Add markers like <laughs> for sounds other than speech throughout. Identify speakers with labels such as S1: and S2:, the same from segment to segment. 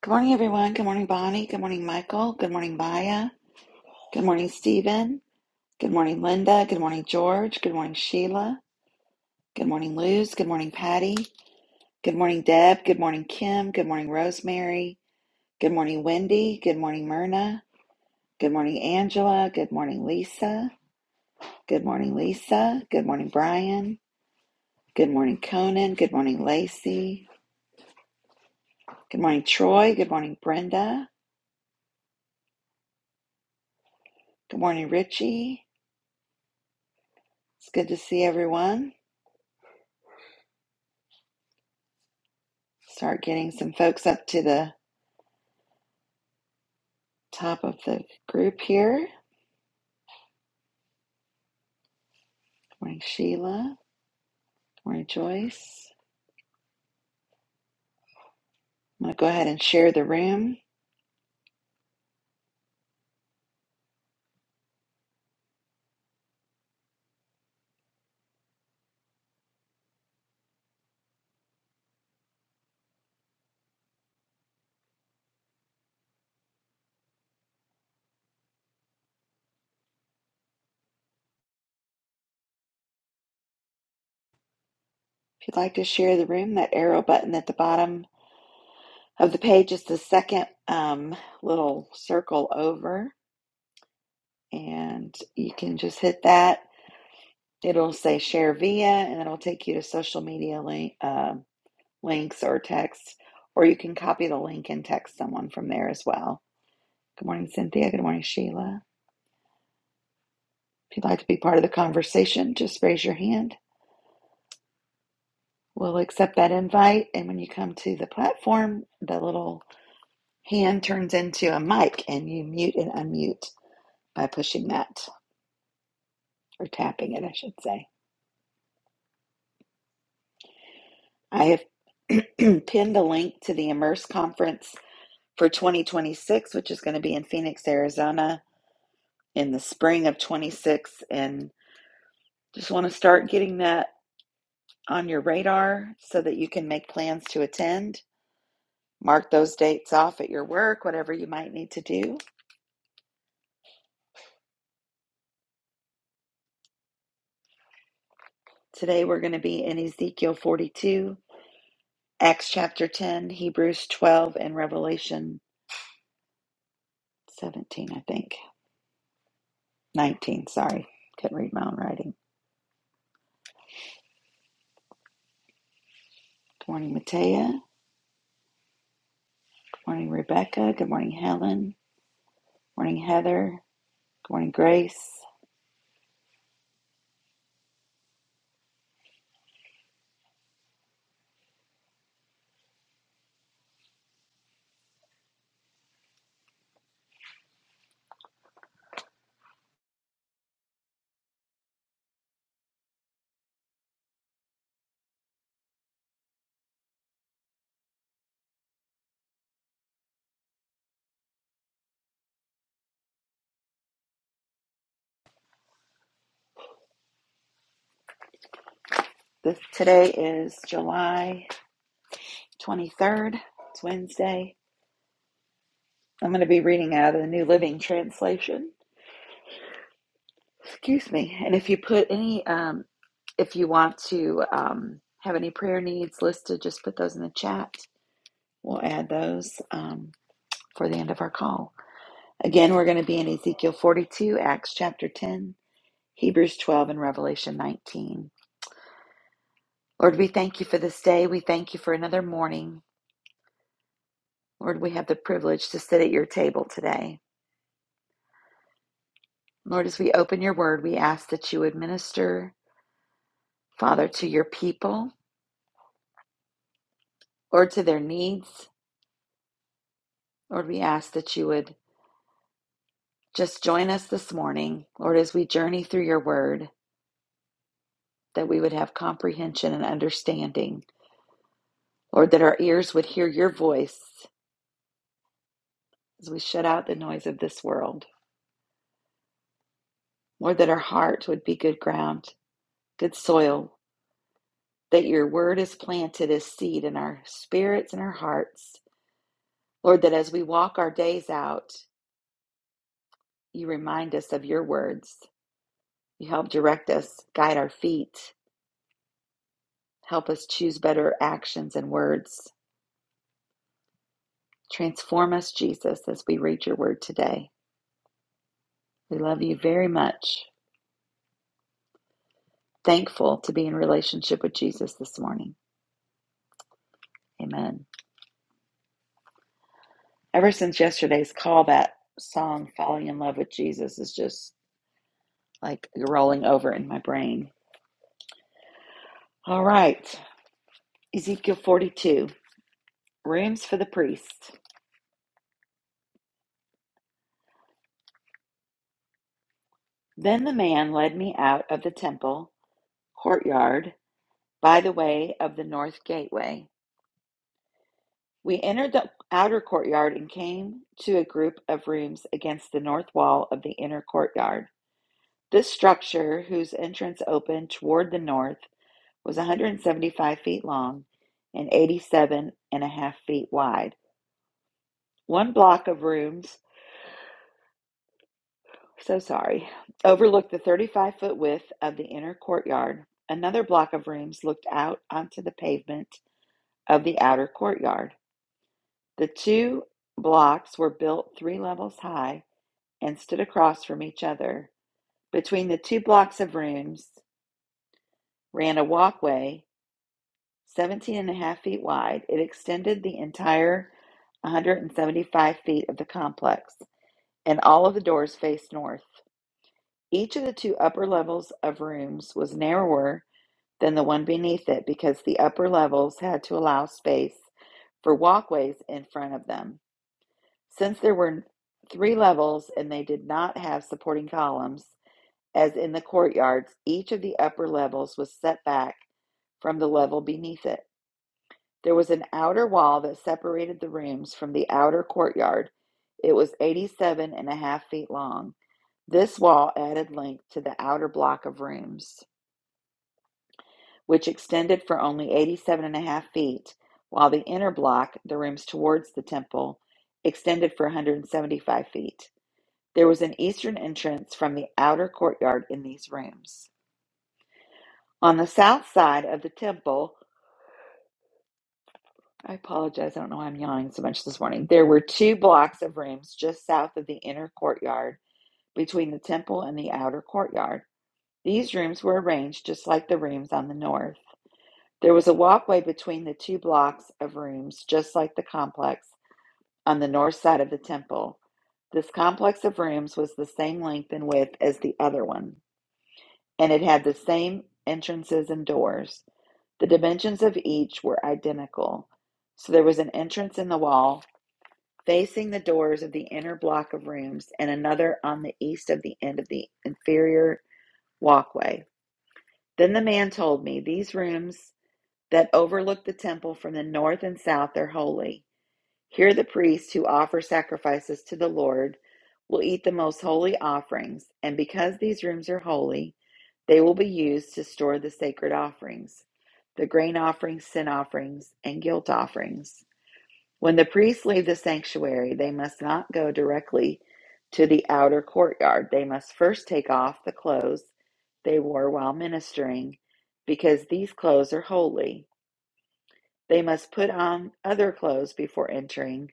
S1: Good morning, everyone. Good morning, Bonnie. Good morning, Michael. Good morning, Maya. Good morning, Stephen. Good morning, Linda. Good morning, George. Good morning, Sheila. Good morning, Luz. Good morning, Patty. Good morning, Deb. Good morning, Kim. Good morning, Rosemary. Good morning, Wendy. Good morning, Myrna. Good morning, Angela. Good morning, Lisa. Good morning, Lisa. Good morning, Brian. Good morning, Conan. Good morning, Lacey. Good morning, Troy. Good morning, Brenda. Good morning, Richie. It's good to see everyone. Start getting some folks up to the top of the group here. Good Morning, Sheila. Good Morning, Joyce. I'm going to go ahead and share the room. If you'd like to share the room, that arrow button at the bottom of the page is the second um, little circle over, and you can just hit that. It'll say share via, and it'll take you to social media link, um links or text, or you can copy the link and text someone from there as well. Good morning, Cynthia. Good morning, Sheila. If you'd like to be part of the conversation, just raise your hand. We'll accept that invite. And when you come to the platform, the little hand turns into a mic and you mute and unmute by pushing that or tapping it, I should say. I have <clears throat> pinned a link to the Immerse conference for 2026, which is going to be in Phoenix, Arizona in the spring of 26. And just want to start getting that on your radar so that you can make plans to attend Mark those dates off at your work, whatever you might need to do. Today we're going to be in Ezekiel 42, Acts chapter 10, Hebrews 12, and Revelation 17, I think. 19, sorry. Couldn't read my own writing. Good morning, Matea. Good morning, Rebecca. Good morning, Helen. Good morning, Heather. Good morning, Grace. This, today is July 23rd. It's Wednesday. I'm going to be reading out of the New Living Translation. Excuse me. And if you put any um, If you want to um, have any prayer needs listed, just put those in the chat. We'll add those um, for the end of our call. Again, we're going to be in Ezekiel 42, Acts chapter 10, Hebrews 12, and Revelation 19. Lord, we thank you for this day. We thank you for another morning. Lord, we have the privilege to sit at your table today. Lord, as we open your word, we ask that you would minister, Father, to your people, Lord, to their needs. Lord, we ask that you would Just join us this morning, Lord, as we journey through your word, that we would have comprehension and understanding. Lord, that our ears would hear your voice as we shut out the noise of this world. Lord, that our heart would be good ground, good soil, that your word is planted as seed in our spirits and our hearts. Lord, that as we walk our days out, you remind us of your words. You help direct us, guide our feet, help us choose better actions and words. Transform us, Jesus, as we read your word today. We love you very much. Thankful to be in relationship with Jesus this morning. Amen. Ever since yesterday's call, that song, Falling in Love with Jesus, is just like rolling over in my brain. All right, Ezekiel 42, rooms for the priest. Then the man led me out of the temple courtyard by the way of the north gateway We entered the outer courtyard and came to a group of rooms against the north wall of the inner courtyard. This structure, whose entrance opened toward the north, was 175 feet long and 87 and a half feet wide. One block of rooms, so sorry, overlooked the 35 foot width of the inner courtyard. Another block of rooms looked out onto the pavement of the outer courtyard. The two blocks were built three levels high and stood across from each other. Between the two blocks of rooms ran a walkway 17 and a half feet wide. It extended the entire 175 feet of the complex, and all of the doors faced north. Each of the two upper levels of rooms was narrower than the one beneath it because the upper levels had to allow space for walkways in front of them. Since there were three levels and they did not have supporting columns, as in the courtyards, each of the upper levels was set back from the level beneath it. There was an outer wall that separated the rooms from the outer courtyard. It was eighty-seven and a half feet long. This wall added length to the outer block of rooms, which extended for only eighty-seven and a half feet, while the inner block, the rooms towards the temple, extended for 175 feet. There was an eastern entrance from the outer courtyard in these rooms. On the south side of the temple, I apologize, I don't know why I'm yawning so much this morning. There were two blocks of rooms just south of the inner courtyard between the temple and the outer courtyard. These rooms were arranged just like the rooms on the north. There was a walkway between the two blocks of rooms just like the complex on the north side of the temple. This complex of rooms was the same length and width as the other one, and it had the same entrances and doors. The dimensions of each were identical. So there was an entrance in the wall facing the doors of the inner block of rooms and another on the east of the end of the inferior walkway. Then the man told me, These rooms that overlook the temple from the north and south are holy. Here the priests who offer sacrifices to the Lord will eat the most holy offerings, and because these rooms are holy, they will be used to store the sacred offerings, the grain offerings, sin offerings, and guilt offerings. When the priests leave the sanctuary, they must not go directly to the outer courtyard. They must first take off the clothes they wore while ministering, because these clothes are holy. They must put on other clothes before entering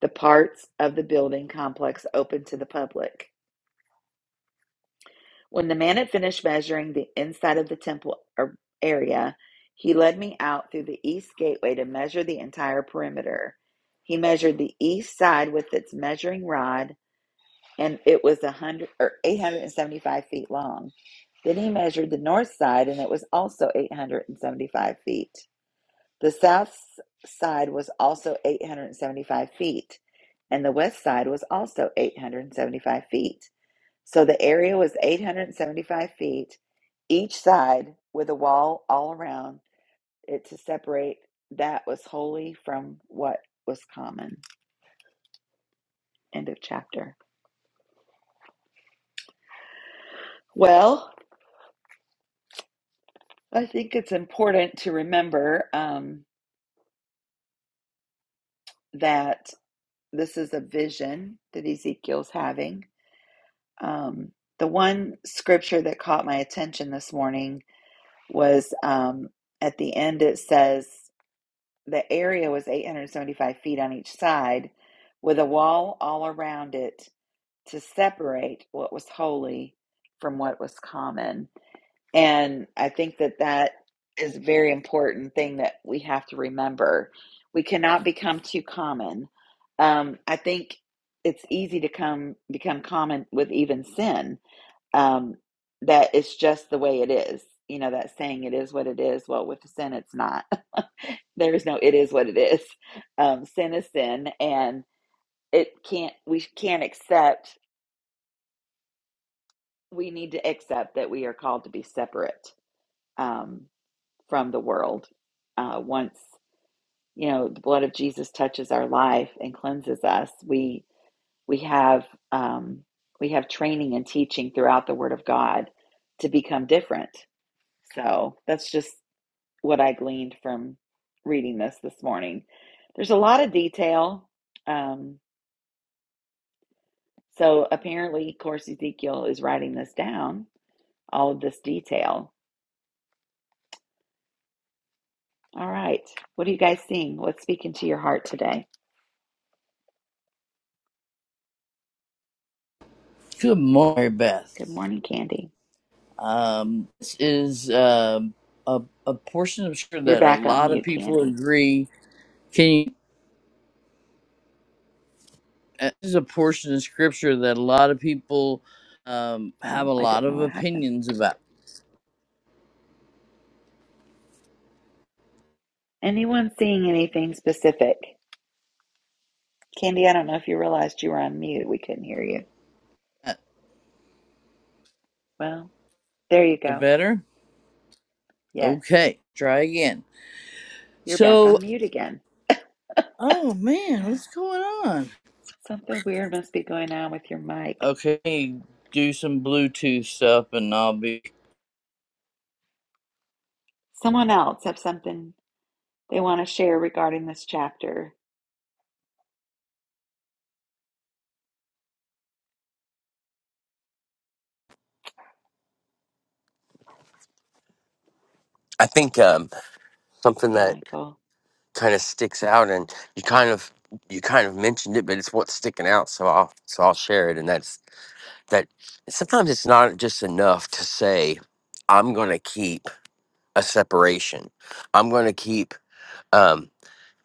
S1: the parts of the building complex open to the public. When the man had finished measuring the inside of the temple area, he led me out through the east gateway to measure the entire perimeter. He measured the east side with its measuring rod, and it was a hundred or eight hundred and seventy-five feet long. Then he measured the north side, and it was also eight hundred and seventy-five feet. The south side was also 875 feet, and the west side was also 875 feet. So the area was 875 feet each side with a wall all around it to separate that was holy from what was common. End of chapter. Well, I think it's important to remember um, that this is a vision that Ezekiel's having Um, the one scripture that caught my attention this morning was um, at the end, it says the area was 875 feet on each side with a wall all around it to separate what was holy from what was common. And I think that that is a very important thing that we have to remember. We cannot become too common. Um, I think it's easy to come become common with even sin um, that it's just the way it is. You know, that saying, it is what it is. Well, with sin, it's not. <laughs> there is no, it is what it is. Um, sin is sin, and it can't, we can't accept, we need to accept that we are called to be separate um, from the world. Uh, once, you know, the blood of Jesus touches our life and cleanses us, we, we have, um, we have training and teaching throughout the Word of God to become different. So that's just what I gleaned from reading this this morning. There's a lot of detail. Um, so apparently, of course, Ezekiel is writing this down, all of this detail. All right. What are you guys seeing? What's speaking to your heart today?
S2: Good morning,
S1: Good
S2: Beth.
S1: morning, Candy.
S2: Um, this is um a, a portion of scripture
S1: You're
S2: that a
S1: back on
S2: lot of
S1: mute,
S2: people
S1: Candy.
S2: agree. Can you? uh, This is a portion of scripture that a lot of people um, have
S1: Well,
S2: a
S1: I
S2: lot
S1: don't know
S2: of
S1: what happened.
S2: opinions about.
S1: Anyone seeing anything specific? Candy, I don't know if you realized you were on mute. We couldn't hear you.
S2: Uh,
S1: Well, there you
S2: The
S1: go.
S2: better?
S1: Yes,
S2: Okay, try again.
S1: you're back
S2: So,
S1: on mute again.
S2: oh man, what's going on?
S1: Something weird must be going on with your mic.
S2: Okay, do some Bluetooth stuff and I'll be.
S1: Someone else have something they want to share regarding this chapter.
S3: I think um, something
S1: Hey,
S3: that
S1: Michael.
S3: kind of sticks out, and you kind of you kind of mentioned it, but it's what's sticking out. So I'll so I'll share it, and that's that. Sometimes it's not just enough to say, "I'm going to keep a separation. I'm going to keep um,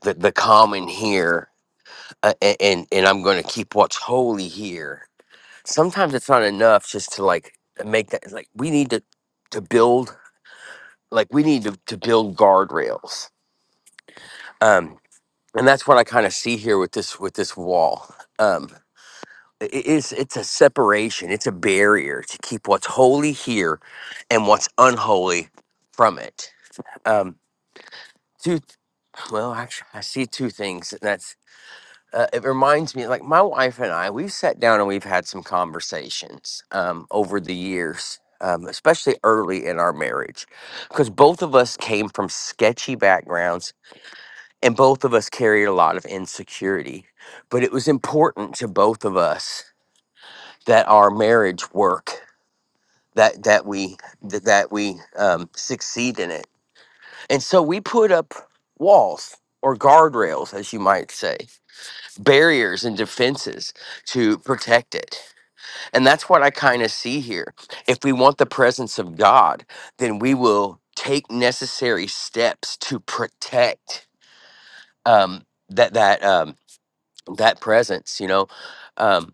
S3: the the common here, uh, a- and and I'm going to keep what's holy here." Sometimes it's not enough just to like make that like we need to to build like we need to, to build guardrails Um, and that's what I kind of see here with this with this wall. Um, i- it's it's a separation, it's a barrier to keep what's holy here and what's unholy from it. Um, two, well, actually, I see two things, and that's uh, it reminds me like my wife and I we've sat down and we've had some conversations um, over the years. Um, especially early in our marriage, because both of us came from sketchy backgrounds And both of us carried a lot of insecurity. But it was important to both of us that our marriage work, that that we that, that we um, succeed in it. And so we put up walls or guardrails, as you might say, barriers and defenses to protect it. And that's what I kind of see here. If we want the presence of God, then we will take necessary steps to protect um, that that. um, that presence you know um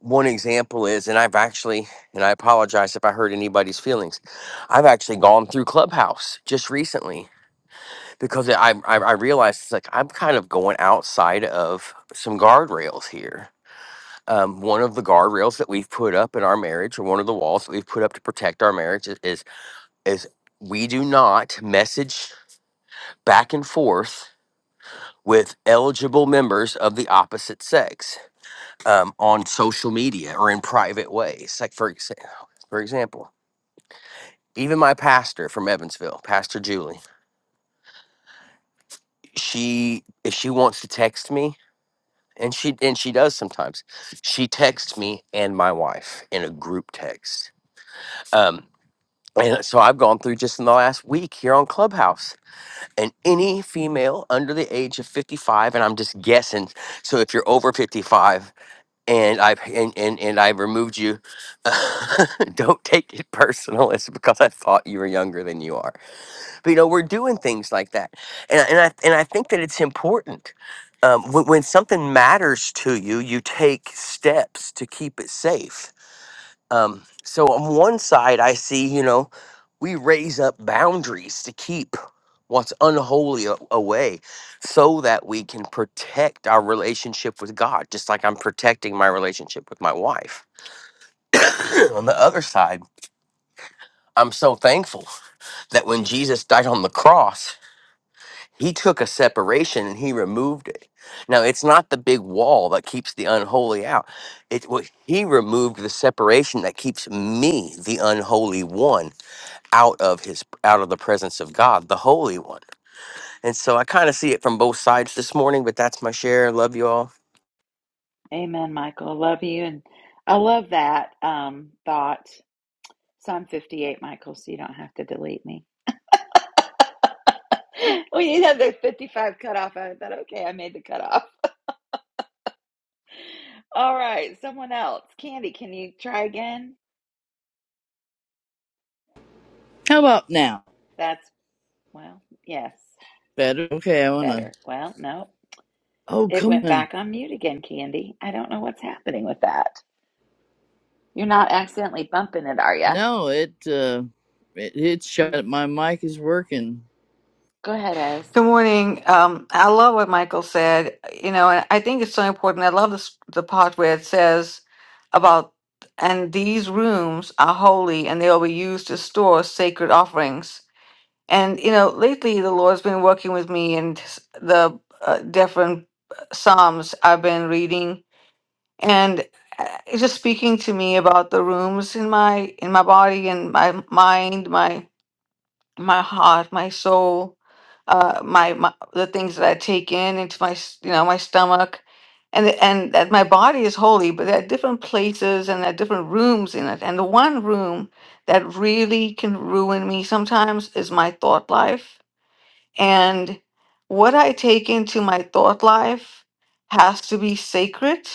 S3: one example is and i've actually and i apologize if i hurt anybody's feelings i've actually gone through clubhouse just recently because i i, I realized it's like i'm kind of going outside of some guardrails here um, one of the guardrails that we've put up in our marriage or one of the walls that we've put up to protect our marriage is is, is we do not message back and forth with eligible members of the opposite sex um, on social media or in private ways. Like for exa- for example, even my pastor from Evansville, Pastor Julie, she if she wants to text me, and she and she does sometimes, she texts me and my wife in a group text. Um, and so I've gone through just in the last week here on Clubhouse, and any female under the age of fifty five, and I'm just guessing. So if you're over 55 and I have and, and, and I have removed you. <laughs> Don't take it personal. It's because I thought you were younger than you are. But you know, we're doing things like that, and I- and I and I think that it's important. Um, when, when something matters to you, you take steps to keep it safe. Um, so on one side, I see you know we raise up boundaries to keep what's unholy a- away so that we can protect our relationship with God, just like I'm protecting my relationship with my wife. <coughs> <clears throat> on the other side, I'm so thankful that when Jesus died on the cross, he took a separation and he removed it. Now, it's not the big wall that keeps the unholy out. It what he removed the separation that keeps me, the unholy one, out of his out of the presence of God, the holy one. And so I kind of see it from both sides this morning, but that's my share. Love you all.
S1: Amen, Michael. I love you. And I love that um, thought. So I'm 58, Michael, so you don't have to delete me. <laughs> we did have the 55 cutoff. I thought, okay, I made the cutoff. All right, someone else. Candy, can you try again?
S2: How about now?
S1: That's, well, yes,
S2: Better? Okay, I wanna.
S1: better. Well, no,
S2: Oh,
S1: it
S2: come
S1: went
S2: on.
S1: back on mute again, Candy. I don't know what's happening with that. You're not accidentally bumping it, are you?
S2: No, it uh, it, it
S1: Hmm.
S2: shut. My mic is working.
S1: Go ahead, Ez.
S4: Good morning. Um, I love what Michael said. You know, and I think it's so important. I love this, the part where it says about, and these rooms are holy and they will be used to store sacred offerings. And, you know, lately the Lord's been working with me and s- the uh, different uh, Psalms I've been reading and uh, it's just speaking to me about the rooms in my, in my body and my mind, my heart, my soul, uh, my, my the things that I take in into my s- you know my stomach, and the, and that my body is holy, but there are different places and there are different rooms in it, and the one room that really can ruin me sometimes is my thought life and what I take into my thought life has to be sacred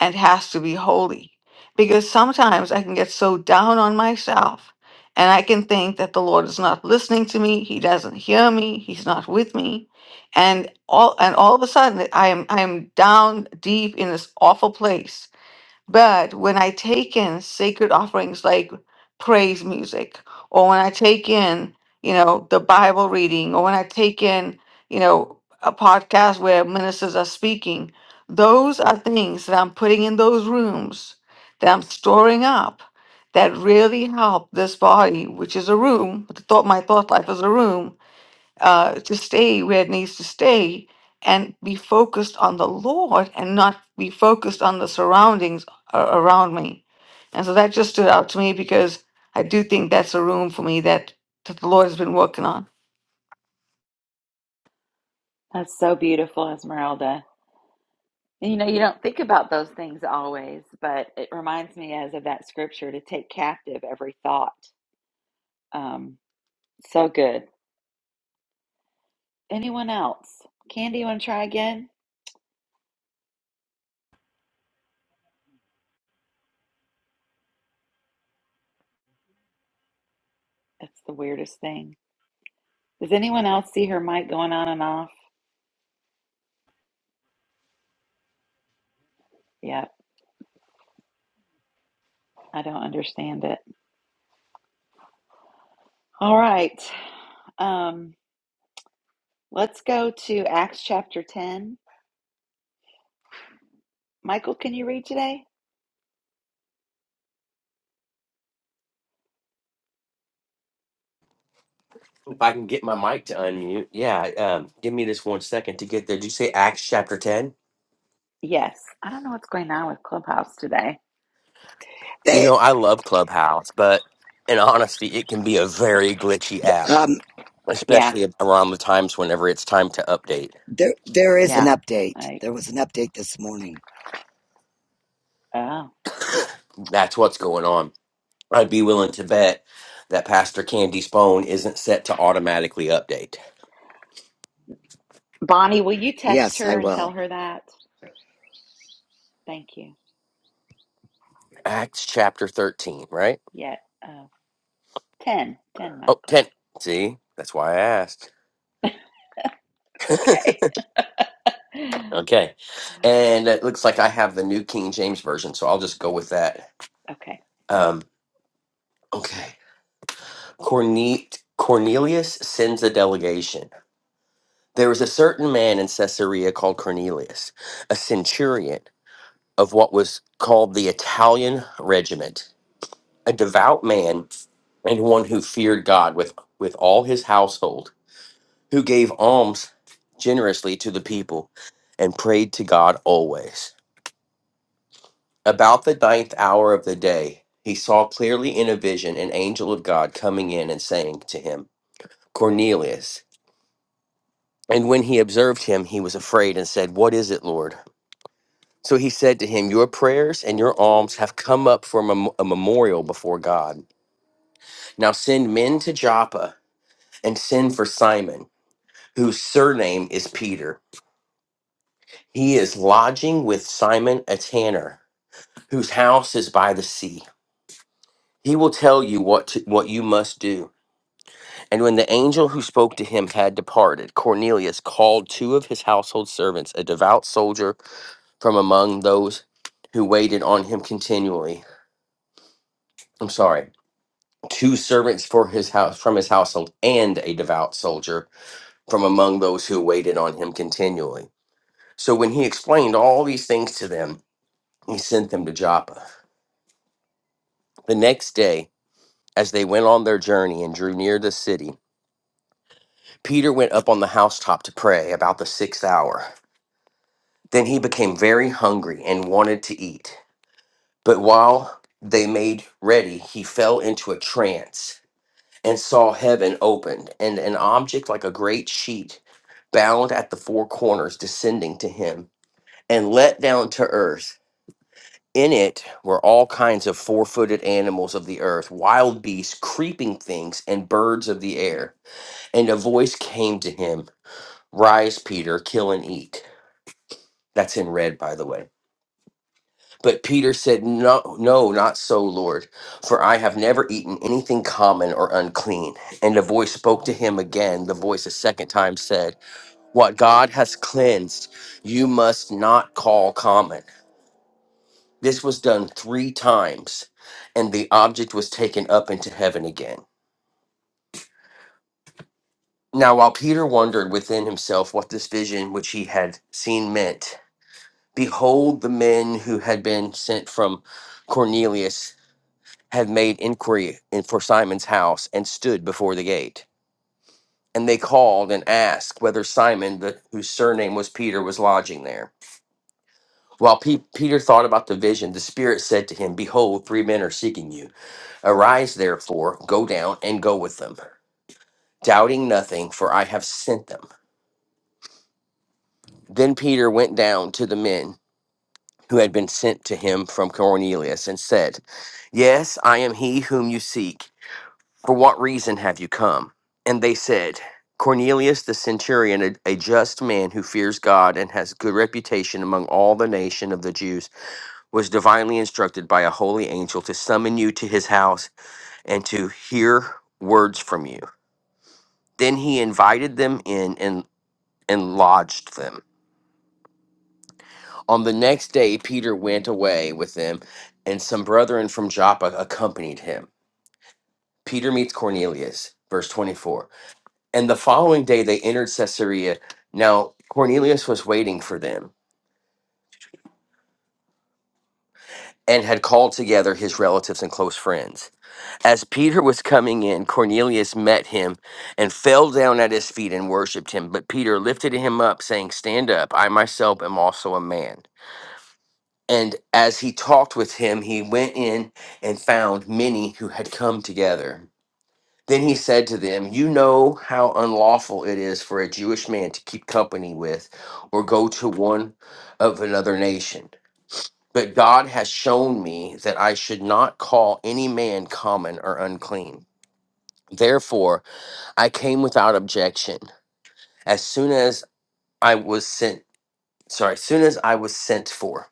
S4: and has to be holy. Because sometimes I can get so down on myself and I can think that the Lord is not listening to me, He doesn't hear me, He's not with me. And all and all of a sudden I am I am down deep in this awful place but when I take in sacred offerings like praise music, or when I take in, you know, the Bible reading, or when I take in, you know, a podcast where ministers are speaking, those are things that I'm putting in those rooms that I'm storing up that really help this body, which is a room, the thought, my thought life is a room, uh, to stay where it needs to stay and be focused on the Lord and not be focused on the surroundings a- around me. And so that just stood out to me because I do think that's a room for me that, that the Lord has been working on.
S1: That's so beautiful, Esmeralda. And, you know, you don't think about those things always, but it reminds me, as of that scripture, to take captive every thought. Um, so good. Anyone else? Candy, you want to try again? That's the weirdest thing. Does anyone else see her mic going on and off? Yep, I don't understand it. All right, um, let's go to Acts chapter 10. Michael, can you read today?
S3: If I can get my mic to unmute, yeah, um, give me this one second to get there. Did you say Acts chapter 10?
S1: Yes. I don't know what's going on with Clubhouse today.
S3: You
S5: They,
S3: know, I love Clubhouse, but in honesty, it can be a very glitchy app,
S5: um,
S1: Yeah.
S3: especially around the times whenever it's time to update.
S5: there, there is an
S1: Yeah.
S5: update.
S1: I
S5: There was an update this morning.
S1: oh.
S3: That's what's going on. I'd be willing to bet that Pastor Candy's phone isn't set to automatically update.
S1: Bonnie, will you text
S5: Yes, I
S1: her and
S5: will.
S1: tell her that? Thank you.
S3: Acts chapter 13, right?
S1: Yeah. Oh, 10. 10,
S3: Oh,
S1: Michael.
S3: 10. See, that's why I asked.
S1: It's okay. <laughs>
S3: Okay. And it looks like I have the New King James Version, so I'll just go with that.
S1: okay.
S3: Um, okay. Corne- Cornelius sends a delegation. There was a certain man in Caesarea called Cornelius, a centurion of what was called the Italian regiment, a devout man and one who feared God with, with all his household, who gave alms generously to the people and prayed to God always. About the ninth hour of the day, he saw clearly in a vision an angel of God coming in and saying to him, Cornelius. And when he observed him, he was afraid and said, What is it, Lord? So he said to him, Your prayers and your alms have come up for a mem- a memorial before God. Now send men to Joppa and send for Simon, whose surname is Peter. He is lodging with Simon a tanner, whose house is by the sea. He will tell you what to, what you must do. And when the angel who spoke to him had departed, Cornelius called two of his household servants, a devout soldier from among those who waited on him continually. I'm sorry, two servants for his house from his household and a devout soldier from among those who waited on him continually. So when he explained all these things to them, he sent them to Joppa. The next day, as they went on their journey and drew near the city, Peter went up on the housetop to pray about the sixth hour. Then he became very hungry and wanted to eat. But while they made ready, he fell into a trance and saw heaven opened and an object like a great sheet bound at the four corners descending to him and let down to earth. In it were all kinds of four footed animals of the earth, wild beasts, creeping things, and birds of the air. And a voice came to him Rise, Peter, kill and eat. That's in red, by the way. But Peter said, No, no, not so, Lord, for I have never eaten anything common or unclean. And the voice spoke to him again. The voice a second time said, What God has cleansed, you must not call common. This was done three times, and the object was taken up into heaven again. Now, while Peter wondered within himself what this vision which he had seen meant, behold, the men who had been sent from Cornelius had made inquiry in, for Simon's house and stood before the gate. And they called and asked whether Simon, the, whose surname was Peter, was lodging there. While Pe- Peter thought about the vision, the Spirit said to him, Behold, three men are seeking you. Arise, therefore, go down and go with them, doubting nothing, for I have sent them. Then Peter went down to the men who had been sent to him from Cornelius and said, Yes, I am he whom you seek. For what reason have you come? And they said, Cornelius the centurion, a, a just man who fears God and has good reputation among all the nation of the Jews, was divinely instructed by a holy angel to summon you to his house and to hear words from you. Then he invited them in and, and lodged them. On the next day, Peter went away with them, and some brethren from Joppa accompanied him. Peter meets Cornelius, verse 24. And the following day they entered Caesarea. Now Cornelius was waiting for them and had called together his relatives and close friends. As Peter was coming in, Cornelius met him and fell down at his feet and worshipped him. But Peter lifted him up, saying, Stand up, I myself am also a man. And as he talked with him, he went in and found many who had come together. Then he said to them, You know how unlawful it is for a Jewish man to keep company with or go to one of another nation. But God has shown me that I should not call any man common or unclean. Therefore, I came without objection. As soon as I was sent, sorry, as soon as I was sent for,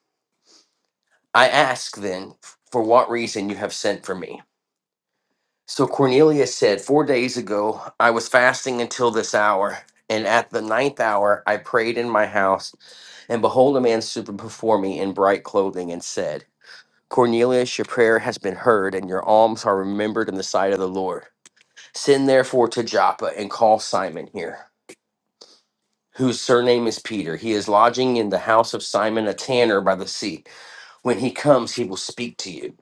S3: I asked then, For what reason you have sent for me? So Cornelius said, Four days ago, I was fasting until this hour, and at the ninth hour, I prayed in my house, and behold, a man stood before me in bright clothing and said, Cornelius, your prayer has been heard, and your alms are remembered in the sight of the Lord. Send therefore to Joppa and call Simon here, whose surname is Peter. He is lodging in the house of Simon, a tanner by the sea. When he comes, he will speak to you.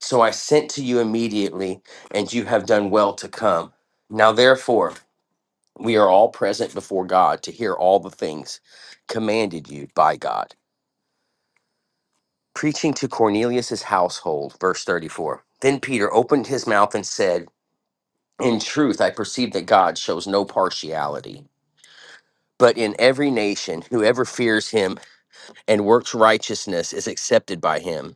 S3: So I sent to you immediately, and you have done well to come. Now, therefore, we are all present before God to hear all the things commanded you by God. Preaching to Cornelius's household, verse 34. Then Peter opened his mouth and said, In truth, I perceive that God shows no partiality, but in every nation, whoever fears him and works righteousness is accepted by him.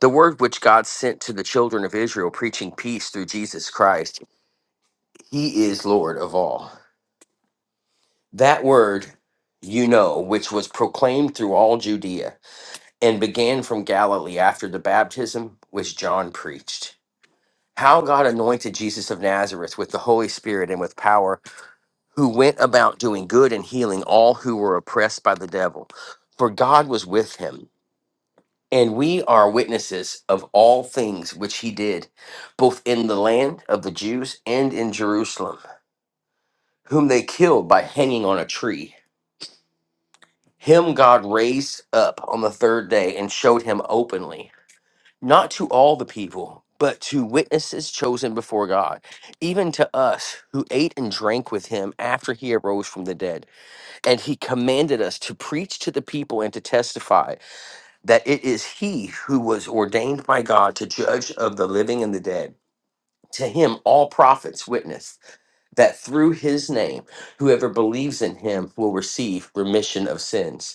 S3: The word which God sent to the children of Israel, preaching peace through Jesus Christ. He is Lord of all. That word, you know, which was proclaimed through all Judea and began from Galilee after the baptism which John preached. How God anointed Jesus of Nazareth with the Holy Spirit and with power, who went about doing good and healing all who were oppressed by the devil. For God was with him. And we are witnesses of all things which he did, both in the land of the Jews and in Jerusalem, whom they killed by hanging on a tree. Him God raised up on the third day and showed him openly, not to all the people, but to witnesses chosen before God, even to us who ate and drank with him after he arose from the dead. And he commanded us to preach to the people and to testify that it is he who was ordained by God to judge of the living and the dead. To him, all prophets witness that through his name, whoever believes in him will receive remission of sins.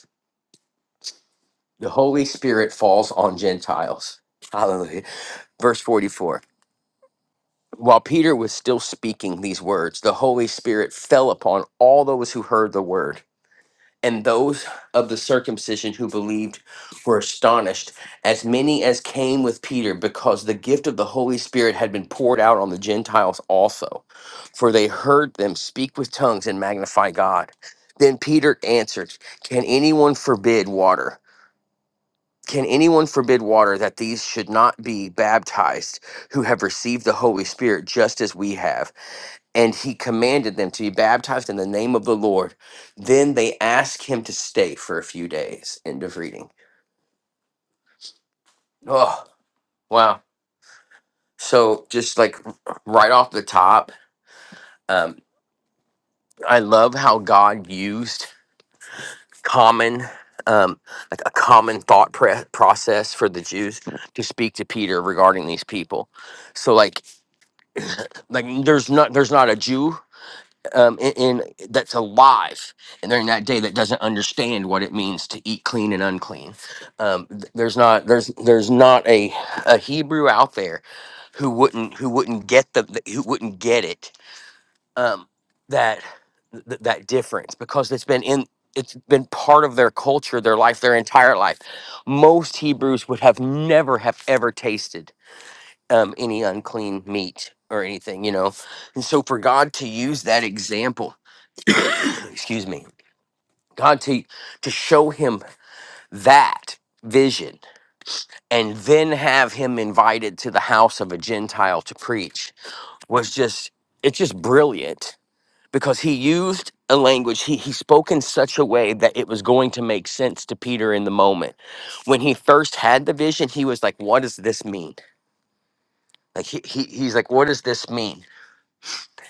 S3: the Holy Spirit falls on Gentiles. Hallelujah. Verse 44. While Peter was still speaking these words, the Holy Spirit fell upon all those who heard the word. And those of the circumcision who believed were astonished, as many as came with Peter, because the gift of the Holy Spirit had been poured out on the Gentiles also. For they heard them speak with tongues and magnify God. Then Peter answered, Can anyone forbid water? Can anyone forbid water that these should not be baptized who have received the Holy Spirit just as we have? And he commanded them to be baptized in the name of the Lord. Then they asked him to stay for a few days. End of reading. Oh, wow. So, just like right off the top, um, I love how God used common. Um, like a common thought pre- process for the Jews to speak to Peter regarding these people. So, like, like there's not there's not a Jew um in, in that's alive and during that day that doesn't understand what it means to eat clean and unclean. Um, th- there's not there's there's not a a Hebrew out there who wouldn't who wouldn't get the the- who wouldn't get it um that th- that difference because it's been in it's been part of their culture their life their entire life most hebrews would have never have ever tasted um, any unclean meat or anything, you know. And so for God to use that example, <clears throat> excuse me, God to to show him that vision and then have him invited to the house of a Gentile to preach was just it's just brilliant because he used a language he, he spoke in such a way that it was going to make sense to Peter in the moment. When he first had the vision, he was like, What does this mean? Like he, he he's like, What does this mean?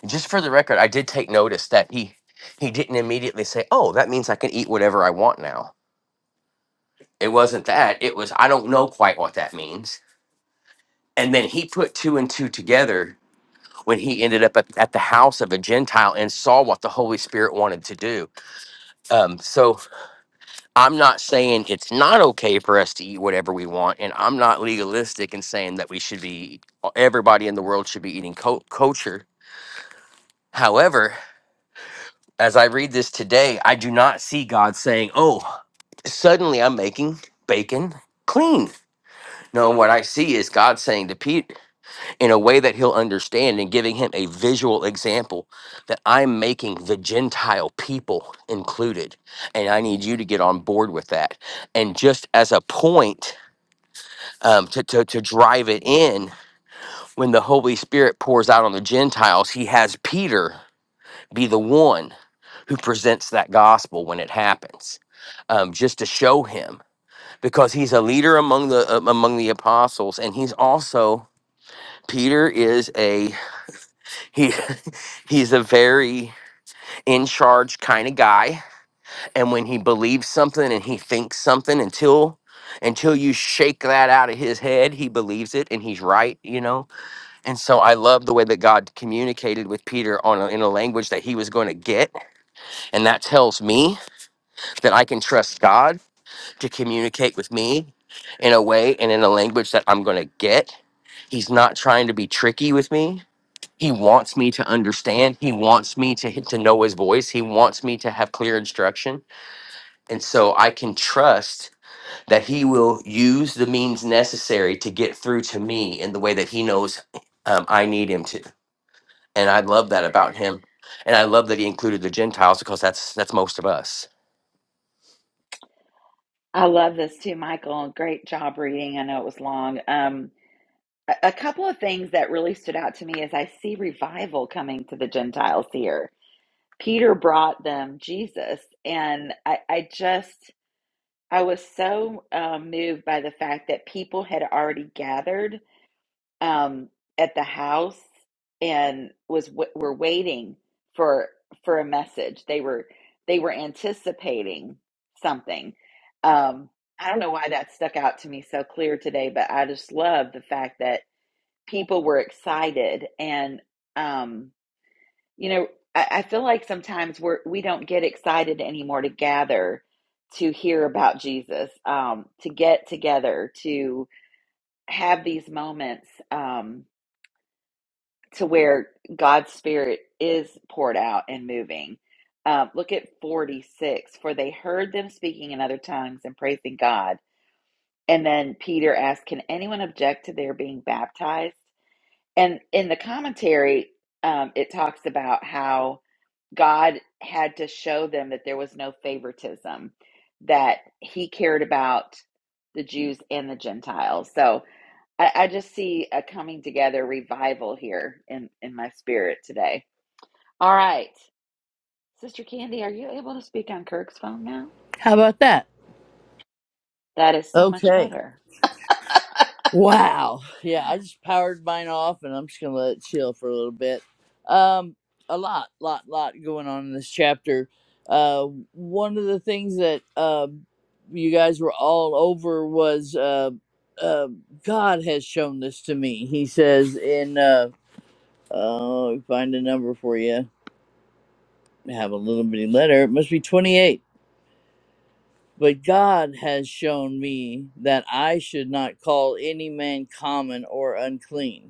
S3: Just for the record, I did take notice that he he didn't immediately say, "Oh, that means I can eat whatever I want now." It wasn't that. It was I don't know quite what that means. And then he put two and two together when he ended up at, at the house of a Gentile and saw what the Holy Spirit wanted to do. Um, so I'm not saying it's not okay for us to eat whatever we want, and I'm not legalistic in saying that we should be everybody in the world should be eating co- culture. However, as I read this today, I do not see God saying, Oh, suddenly I'm making bacon clean. No, what I see is God saying to Pete in a way that he'll understand and giving him a visual example that I'm making the Gentile people included. And I need you to get on board with that. And just as a point um, to, to, to drive it in, when the Holy Spirit pours out on the Gentiles, he has Peter be the one who presents that gospel when it happens um, just to show him because he's a leader among the um, among the apostles and he's also peter is a he <laughs> he's a very in charge kind of guy and when he believes something and he thinks something until until you shake that out of his head he believes it and he's right you know and so i love the way that god communicated with peter on a, in a language that he was going to get and that tells me that I can trust God to communicate with me in a way and in a language that I'm going to get. He's not trying to be tricky with me. He wants me to understand. He wants me to to know his voice. He wants me to have clear instruction. And so I can trust that he will use the means necessary to get through to me in the way that he knows um, I need him to. And I love that about him. And I love that he included the Gentiles because that's that's most of us
S1: I love this too, Michael. Great job reading. I know it was long. Um a a couple of things that really stood out to me is I see revival coming to the Gentiles here. Peter brought them Jesus, and I, I just I was so um, moved by the fact that people had already gathered um, at the house and was w- were waiting for for a message. They were they were anticipating something. Um, I don't know why that stuck out to me so clear today, but I just love the fact that people were excited and um, you know, I, I feel like sometimes we're we don't get excited anymore to gather to hear about Jesus, um, to get together, to have these moments um, to where God's Spirit is poured out and moving. Um, look at 46. For they heard them speaking in other tongues and praising God. And then Peter asked, Can anyone object to their being baptized? And in the commentary, um, it talks about how God had to show them that there was no favoritism, that He cared about the Jews and the Gentiles. So I, I just see a coming together revival here in, in my spirit today. All right. Sister Candy, are you able to speak on Kirk's phone now?
S6: How about that?
S1: That is so much
S6: Okay.
S1: better.
S6: Wow. Yeah, I just powered mine off and I'm just going to let it chill for a little bit. Um a lot, lot, lot going on in this chapter. Uh one of the things that uh, you guys were all over was uh, uh God has shown this to me. He says in uh uh, let me find a number for you. I have a little bitty letter. It must be 28 But God has shown me that I should not call any man common or unclean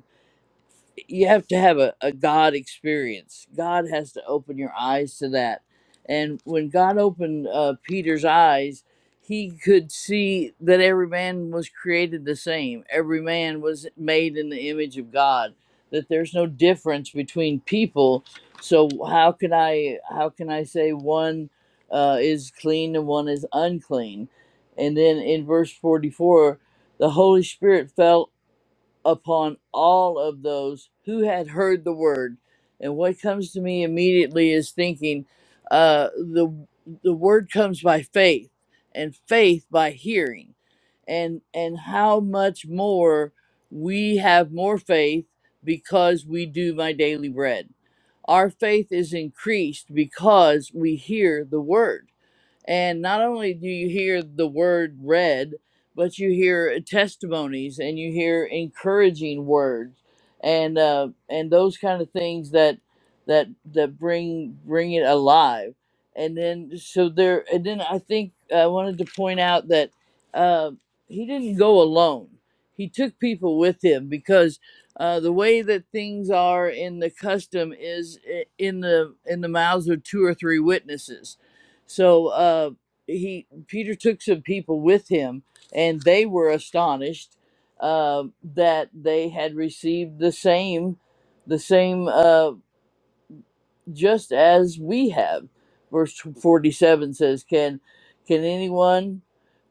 S6: you have to have a, a God experience. God has to open your eyes to that. And when God opened uh, Peter's eyes, he could see that every man was created the same. Every man was made in the image of God. That there's no difference between people. So how can I how can I say one uh, is clean and one is unclean? And then in verse 44, the Holy Spirit fell upon all of those who had heard the word. And what comes to me immediately is thinking, uh, the the word comes by faith, and faith by hearing, and and how much more we have more faith because we do my daily bread. Our faith is increased because we hear the word and not only do you hear the word read, but you hear testimonies and you hear encouraging words and uh, and those kind of things that that that bring bring it alive. And then so there and then I think I wanted to point out that uh, he didn't go alone. He took people with him because uh, the way that things are in the custom is i- in the in the mouths of two or three witnesses so uh, he Peter took some people with him, and they were astonished uh, that they had received the same the same. uh, just as we have. Verse 47 says, Can, can anyone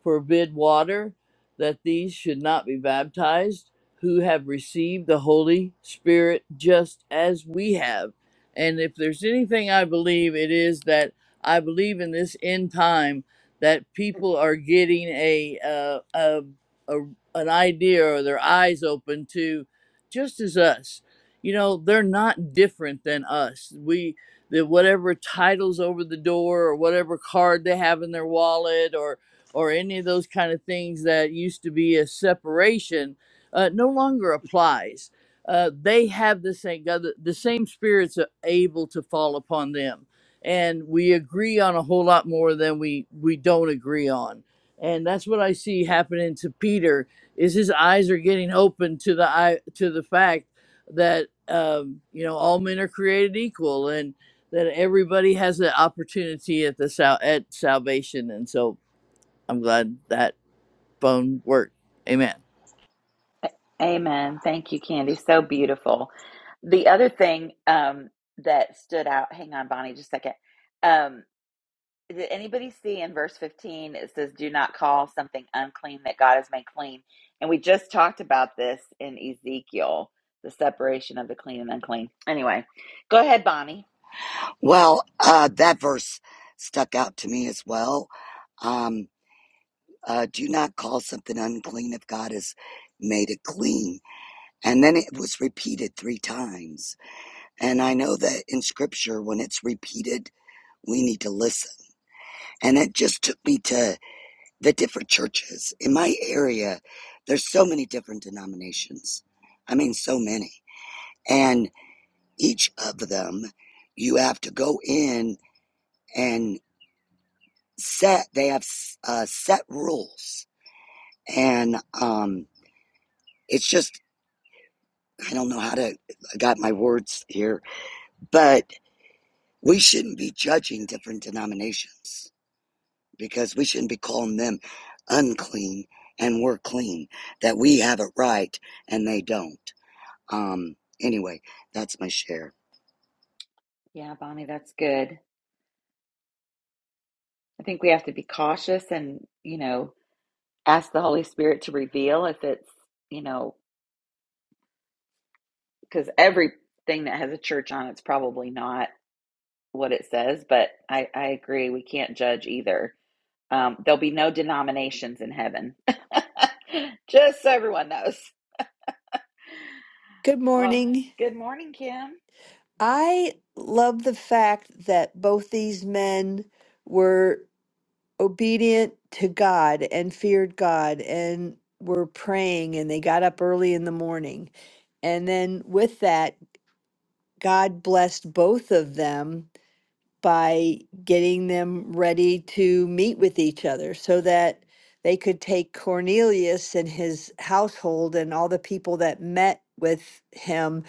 S6: forbid water that these should not be baptized who have received the Holy Spirit just as we have? And if there's anything I believe, it is that I believe in this end time that people are getting a, uh, a, a an idea or their eyes open to just as us you know they're not different than us we the whatever titles over the door or whatever card they have in their wallet or or any of those kind of things that used to be a separation uh, no longer applies uh, they have the same God, the the same spirits are able to fall upon them and we agree on a whole lot more than we we don't agree on and that's what i see happening to peter is his eyes are getting open to the eye to the fact that um, you know all men are created equal and that everybody has an opportunity at the sal- at salvation and so i'm glad that phone worked amen
S1: Amen. Thank you, Candy. So beautiful. The other thing um, that stood out, hang on, Bonnie, just a second. Um, Did anybody see in verse 15 it says, Do not call something unclean that God has made clean? And we just talked about this in Ezekiel, the separation of the clean and unclean. Anyway, go ahead, Bonnie.
S5: Well, uh, that verse stuck out to me as well. Um, uh, do not call something unclean if God has made it clean. And then it was repeated three times. And I know that in scripture, when it's repeated, we need to listen. And it just took me to the different churches in my area. There's so many different denominations. I mean, so many. And each of them, you have to go in and set, they have uh, set rules. And um, it's just, I don't know how to, I got my words here, but we shouldn't be judging different denominations because we shouldn't be calling them unclean and we're clean, that we have it right and they don't. Um, anyway, that's my share.
S1: Yeah, Bonnie, that's good. I think we have to be cautious and, you know, ask the Holy Spirit to reveal if it's, you know, because everything that has a church on it's probably not what it says. But I, I agree, we can't judge either Um, there'll be no denominations in heaven. <laughs> Just so everyone knows.
S7: Good
S1: Oh,
S7: morning.
S1: good morning, Kim.
S7: I love the fact that both these men were obedient to God and feared God and were praying and they got up early in the morning. And then with that, God blessed both of them by getting them ready to meet with each other so that they could take Cornelius and his household and all the people that met with him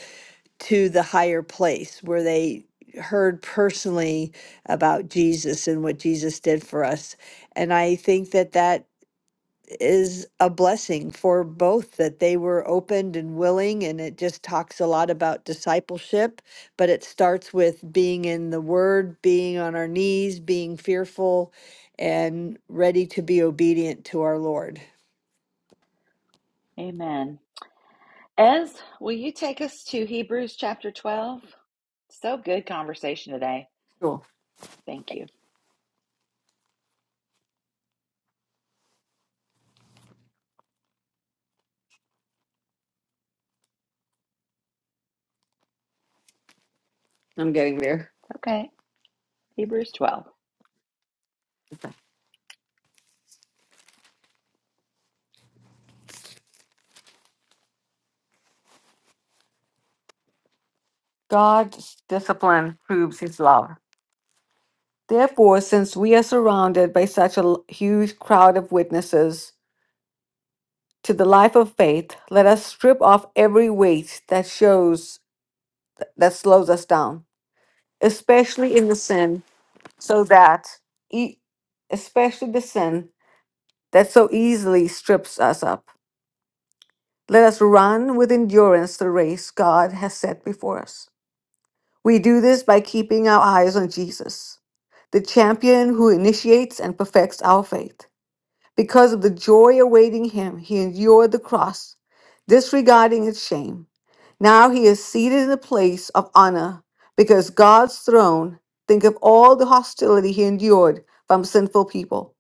S7: to the higher place where they heard personally about Jesus and what Jesus did for us. And I think that that is a blessing for both that they were opened and willing and it just talks a lot about discipleship but it starts with being in the word being on our knees being fearful and ready to be obedient to our lord
S1: Amen. Ez, will you take us to Hebrews chapter 12? So good conversation today.
S4: Cool.
S1: Thank you.
S4: I'm getting there.
S1: Okay. Hebrews 12.
S4: God's discipline proves his love. Therefore, since we are surrounded by such a l- huge crowd of witnesses to the life of faith, let us strip off every weight that shows that slows us down especially in the sin, so that, e- especially the sin that so easily strips us up. Let us run with endurance the race God has set before us. We do this by keeping our eyes on Jesus, the champion who initiates and perfects our faith. Because of the joy awaiting him, he endured the cross, disregarding its shame. Now he is seated in the place of honor because God's throne, think of all the hostility he endured from sinful people.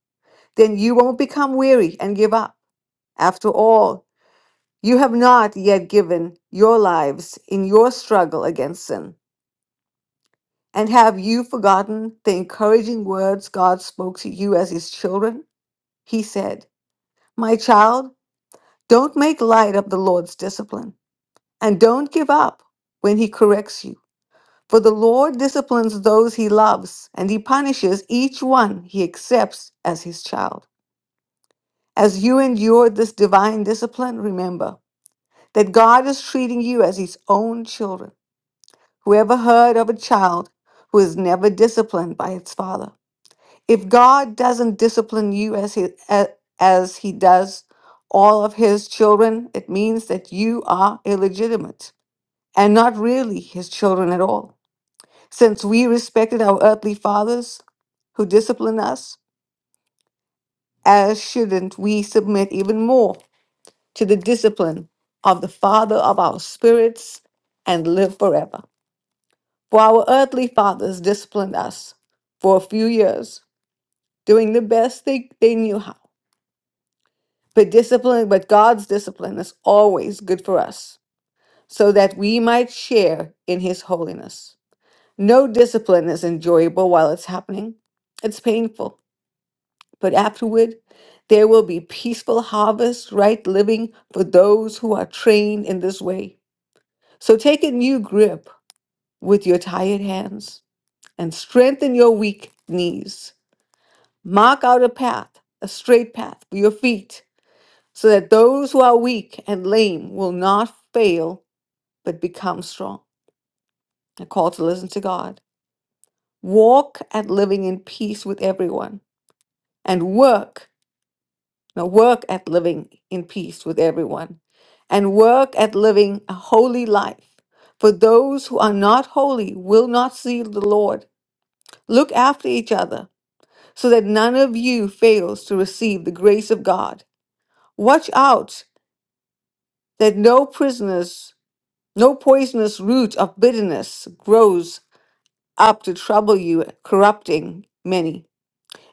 S4: Then you won't become weary and give up. After all, you have not yet given your lives in your struggle against sin. And have you forgotten the encouraging words God spoke to you as his children? He said, My child, Don't make light of the Lord's discipline, and don't give up when he corrects you. For the Lord disciplines those he loves, and he punishes each one he accepts as his child. As you endure this divine discipline, remember that God is treating you as his own children. Whoever heard of a child who is never disciplined by its father? If God doesn't discipline you as he, a- as he does all of his children, it means that you are illegitimate. and not really his children at all. Since we respected our earthly fathers who disciplined us, as shouldn't we submit even more to the discipline of the Father of our spirits and live forever? For our earthly fathers disciplined us for a few years, doing the best they, they knew how. But discipline, but God's discipline is always good for us, so that we might share in his holiness. No discipline is enjoyable while it's happening. It's painful, but afterward, there will be peaceful harvest, right living for those who are trained in this way. So take a new grip with your tired hands and strengthen your weak knees. Mark out a path, a straight path for your feet, so that those who are weak and lame will not fail but become strong. A call to listen to God. Walk at living in peace with everyone and work now work at living in peace with everyone and work at living a holy life for those who are not holy will not see the lord look after each other so that none of you fails to receive the grace of god watch out that no prisoners no poisonous root of bitterness grows up to trouble you corrupting many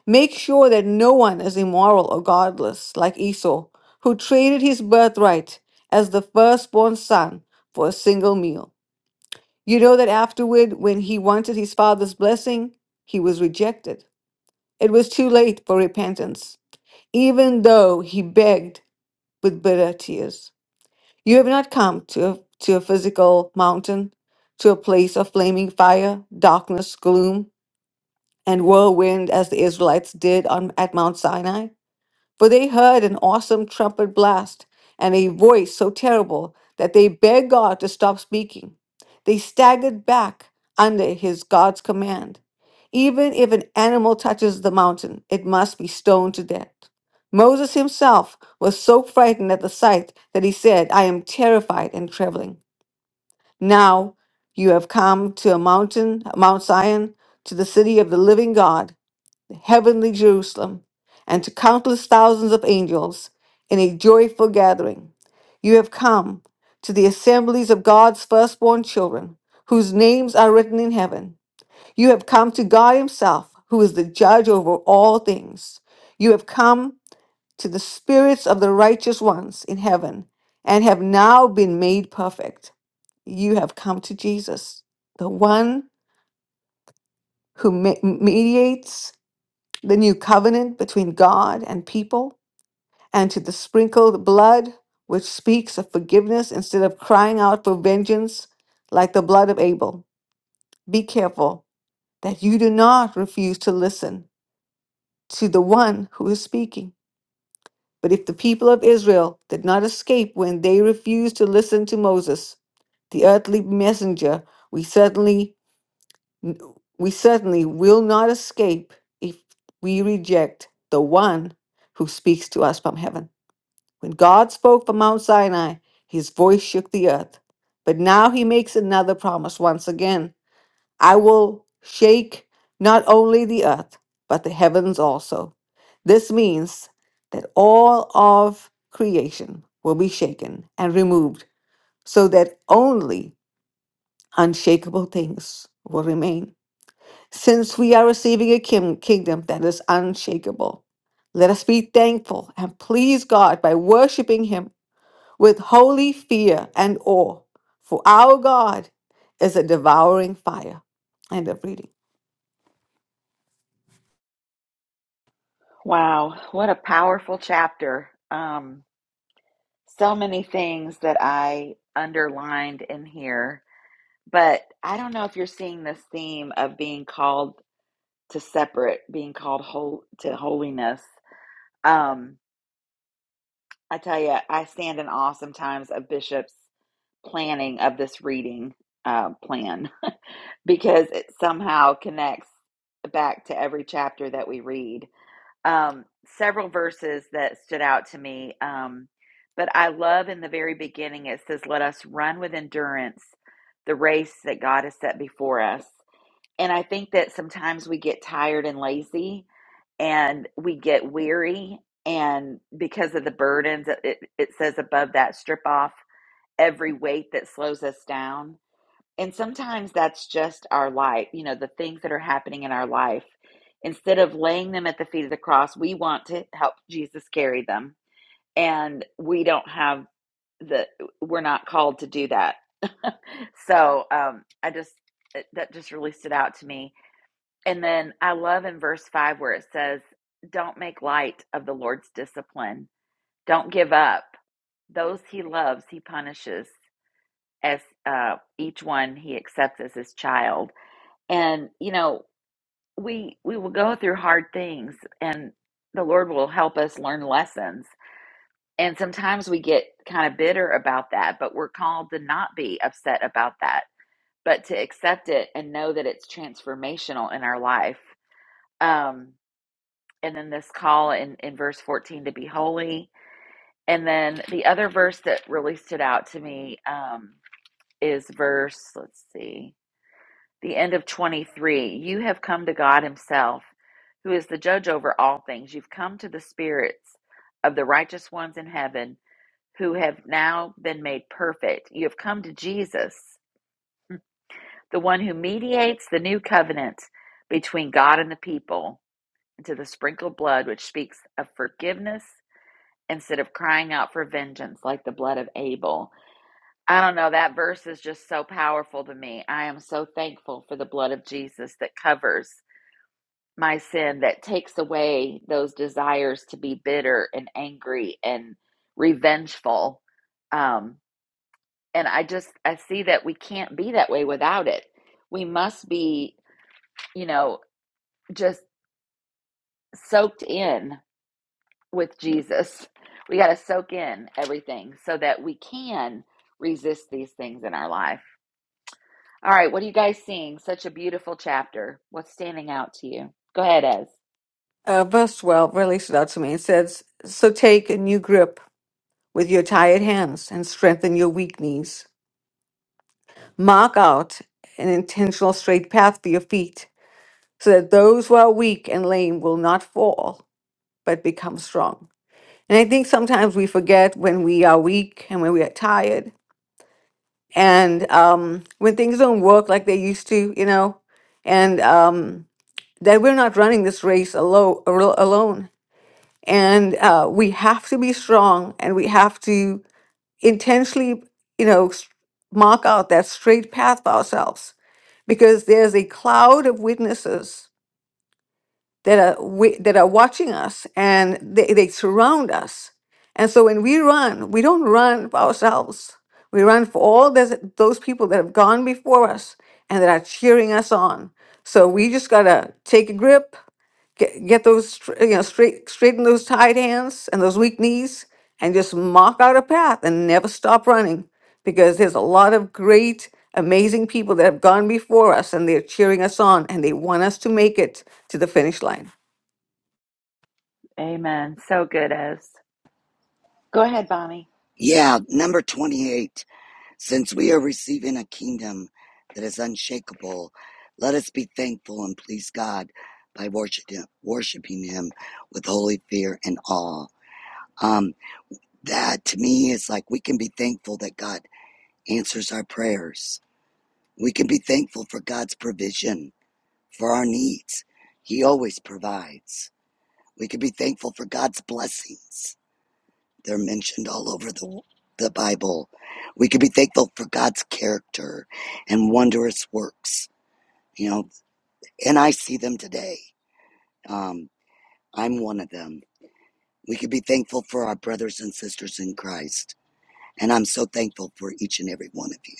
S4: Make sure that no one is immoral or godless like Esau, who traded his birthright as the firstborn son for a single meal. You know that afterward, when he wanted his father's blessing, he was rejected. It was too late for repentance, even though he begged with bitter tears. You have not come to a, to a physical mountain, to a place of flaming fire, darkness, gloom, and whirlwind as the Israelites did on, at Mount Sinai. For they heard an awesome trumpet blast and a voice so terrible that they begged God to stop speaking. They staggered back under his God's command. Even if an animal touches the mountain, it must be stoned to death. Moses himself was so frightened at the sight that he said, I am terrified and trembling. Now you have come to a mountain, Mount Zion, to the city of the living God heavenly Jerusalem, and to countless thousands of angels in a joyful gathering. You have come to the assemblies of God's firstborn children, whose names are written in heaven. You have come to God Himself, who is the judge over all things. You have come to the spirits of the righteous ones in heaven and have now been made perfect. You have come to Jesus, the one who me- mediates the new covenant between God and people, and to the sprinkled blood, which speaks of forgiveness instead of crying out for vengeance like the blood of Abel. Be careful that you do not refuse to listen to the one who is speaking. But if the people of Israel did not escape when they refused to listen to Moses, the earthly messenger, we certainly N- We certainly will not escape if we reject the one who speaks to us from heaven. When God spoke from Mount Sinai, his voice shook the earth. But now he makes another promise once again I will shake not only the earth, but the heavens also. This means that all of creation will be shaken and removed so that only unshakable things will remain. Since we are receiving a kim- kingdom that is unshakable, let us be thankful and please God by worshiping Him with holy fear and awe, for our God is a devouring fire. End of reading.
S1: Wow. What a powerful chapter. Um, so many things that I underlined in here. But I don't know if you're seeing this theme of being called to separate, being called whole, to holiness Um, I tell you, I stand in awe sometimes of Bishop's planning of this reading uh, plan <laughs> because it somehow connects back to every chapter that we read. Um, several verses that stood out to me, um, but I love in the very beginning it says, Let us run with endurance the race that God has set before us. And I think that sometimes we get tired and lazy and we get weary. And because of the burdens, it, it says above that, strip off every weight that slows us down. And sometimes that's just our life, you know, the things that are happening in our life. Instead of laying them at the feet of the cross, we want to help Jesus carry them. And we don't have the, we're not called to do that. <laughs> so um, I just, that just really stood out to me and then I love in verse 5 where it says, Don't make light of the Lord's discipline. Don't give up. Those he loves, he punishes as uh, each one he accepts as his child. And, you know, we we will go through hard things and the Lord will help us learn lessons. And sometimes we get kind of bitter about that, but we're called to not be upset about that, but to accept it and know that it's transformational in our life. Um, and then this call in, in verse 14 to be holy. And then the other verse that really stood out to me um, is verse, let's see, the end of 23. You have come to God Himself, who is the judge over all things. You've come to the spirits of the righteous ones in heaven who have now been made perfect. You have come to Jesus, the one who mediates the new covenant between God and the people, and to the sprinkled blood which speaks of forgiveness instead of crying out for vengeance like the blood of Abel. I don't know. That verse is just so powerful to me. I am so thankful for the blood of Jesus that covers my sin, that takes away those desires to be bitter and angry and revengeful. Um, and I just, I see that we can't be that way without it. We must be, you know, just soaked in with Jesus. We got to soak in everything so that we can resist these things in our life. All right, what are you guys seeing? Such a beautiful chapter. What's standing out to you? Go ahead, Ez.
S4: Uh, verse 12 really stood out to me. It says, So take a new grip with your tired hands and strengthen your weak knees. Mark out an intentional straight path for your feet so that those who are weak and lame will not fall but become strong. And I think sometimes we forget when we are weak and when we are tired and um, when things don't work like they used to, you know, and um, that we're not running this race alo- alo- alone. And uh, we have to be strong and we have to intentionally, you know, s- mark out that straight path for ourselves because there's a cloud of witnesses that are we, that are watching us and they, they surround us. And so when we run, we don't run for ourselves. We run for all those, those people that have gone before us and that are cheering us on. So we just gotta take a grip, get, get those str- you know straight straighten those tight hands and those weak knees, and just mark out a path and never stop running because there's a lot of great, amazing people that have gone before us and they're cheering us on and they want us to make it to the finish line.
S1: Amen. So good, Ez. Go ahead, Bonnie.
S5: Yeah, number 28. Since we are receiving a kingdom that is unshakable, let us be thankful and please God by worshiping, worshiping Him with holy fear and awe. Um, that to me is like we can be thankful that God answers our prayers. We can be thankful for God's provision for our needs. He always provides. We can be thankful for God's blessings They're mentioned all over the, the Bible. We could be thankful for God's character and wondrous works, you know, and I see them today. Um, I'm one of them. We could be thankful for our brothers and sisters in Christ. And I'm so thankful for each and every one of you.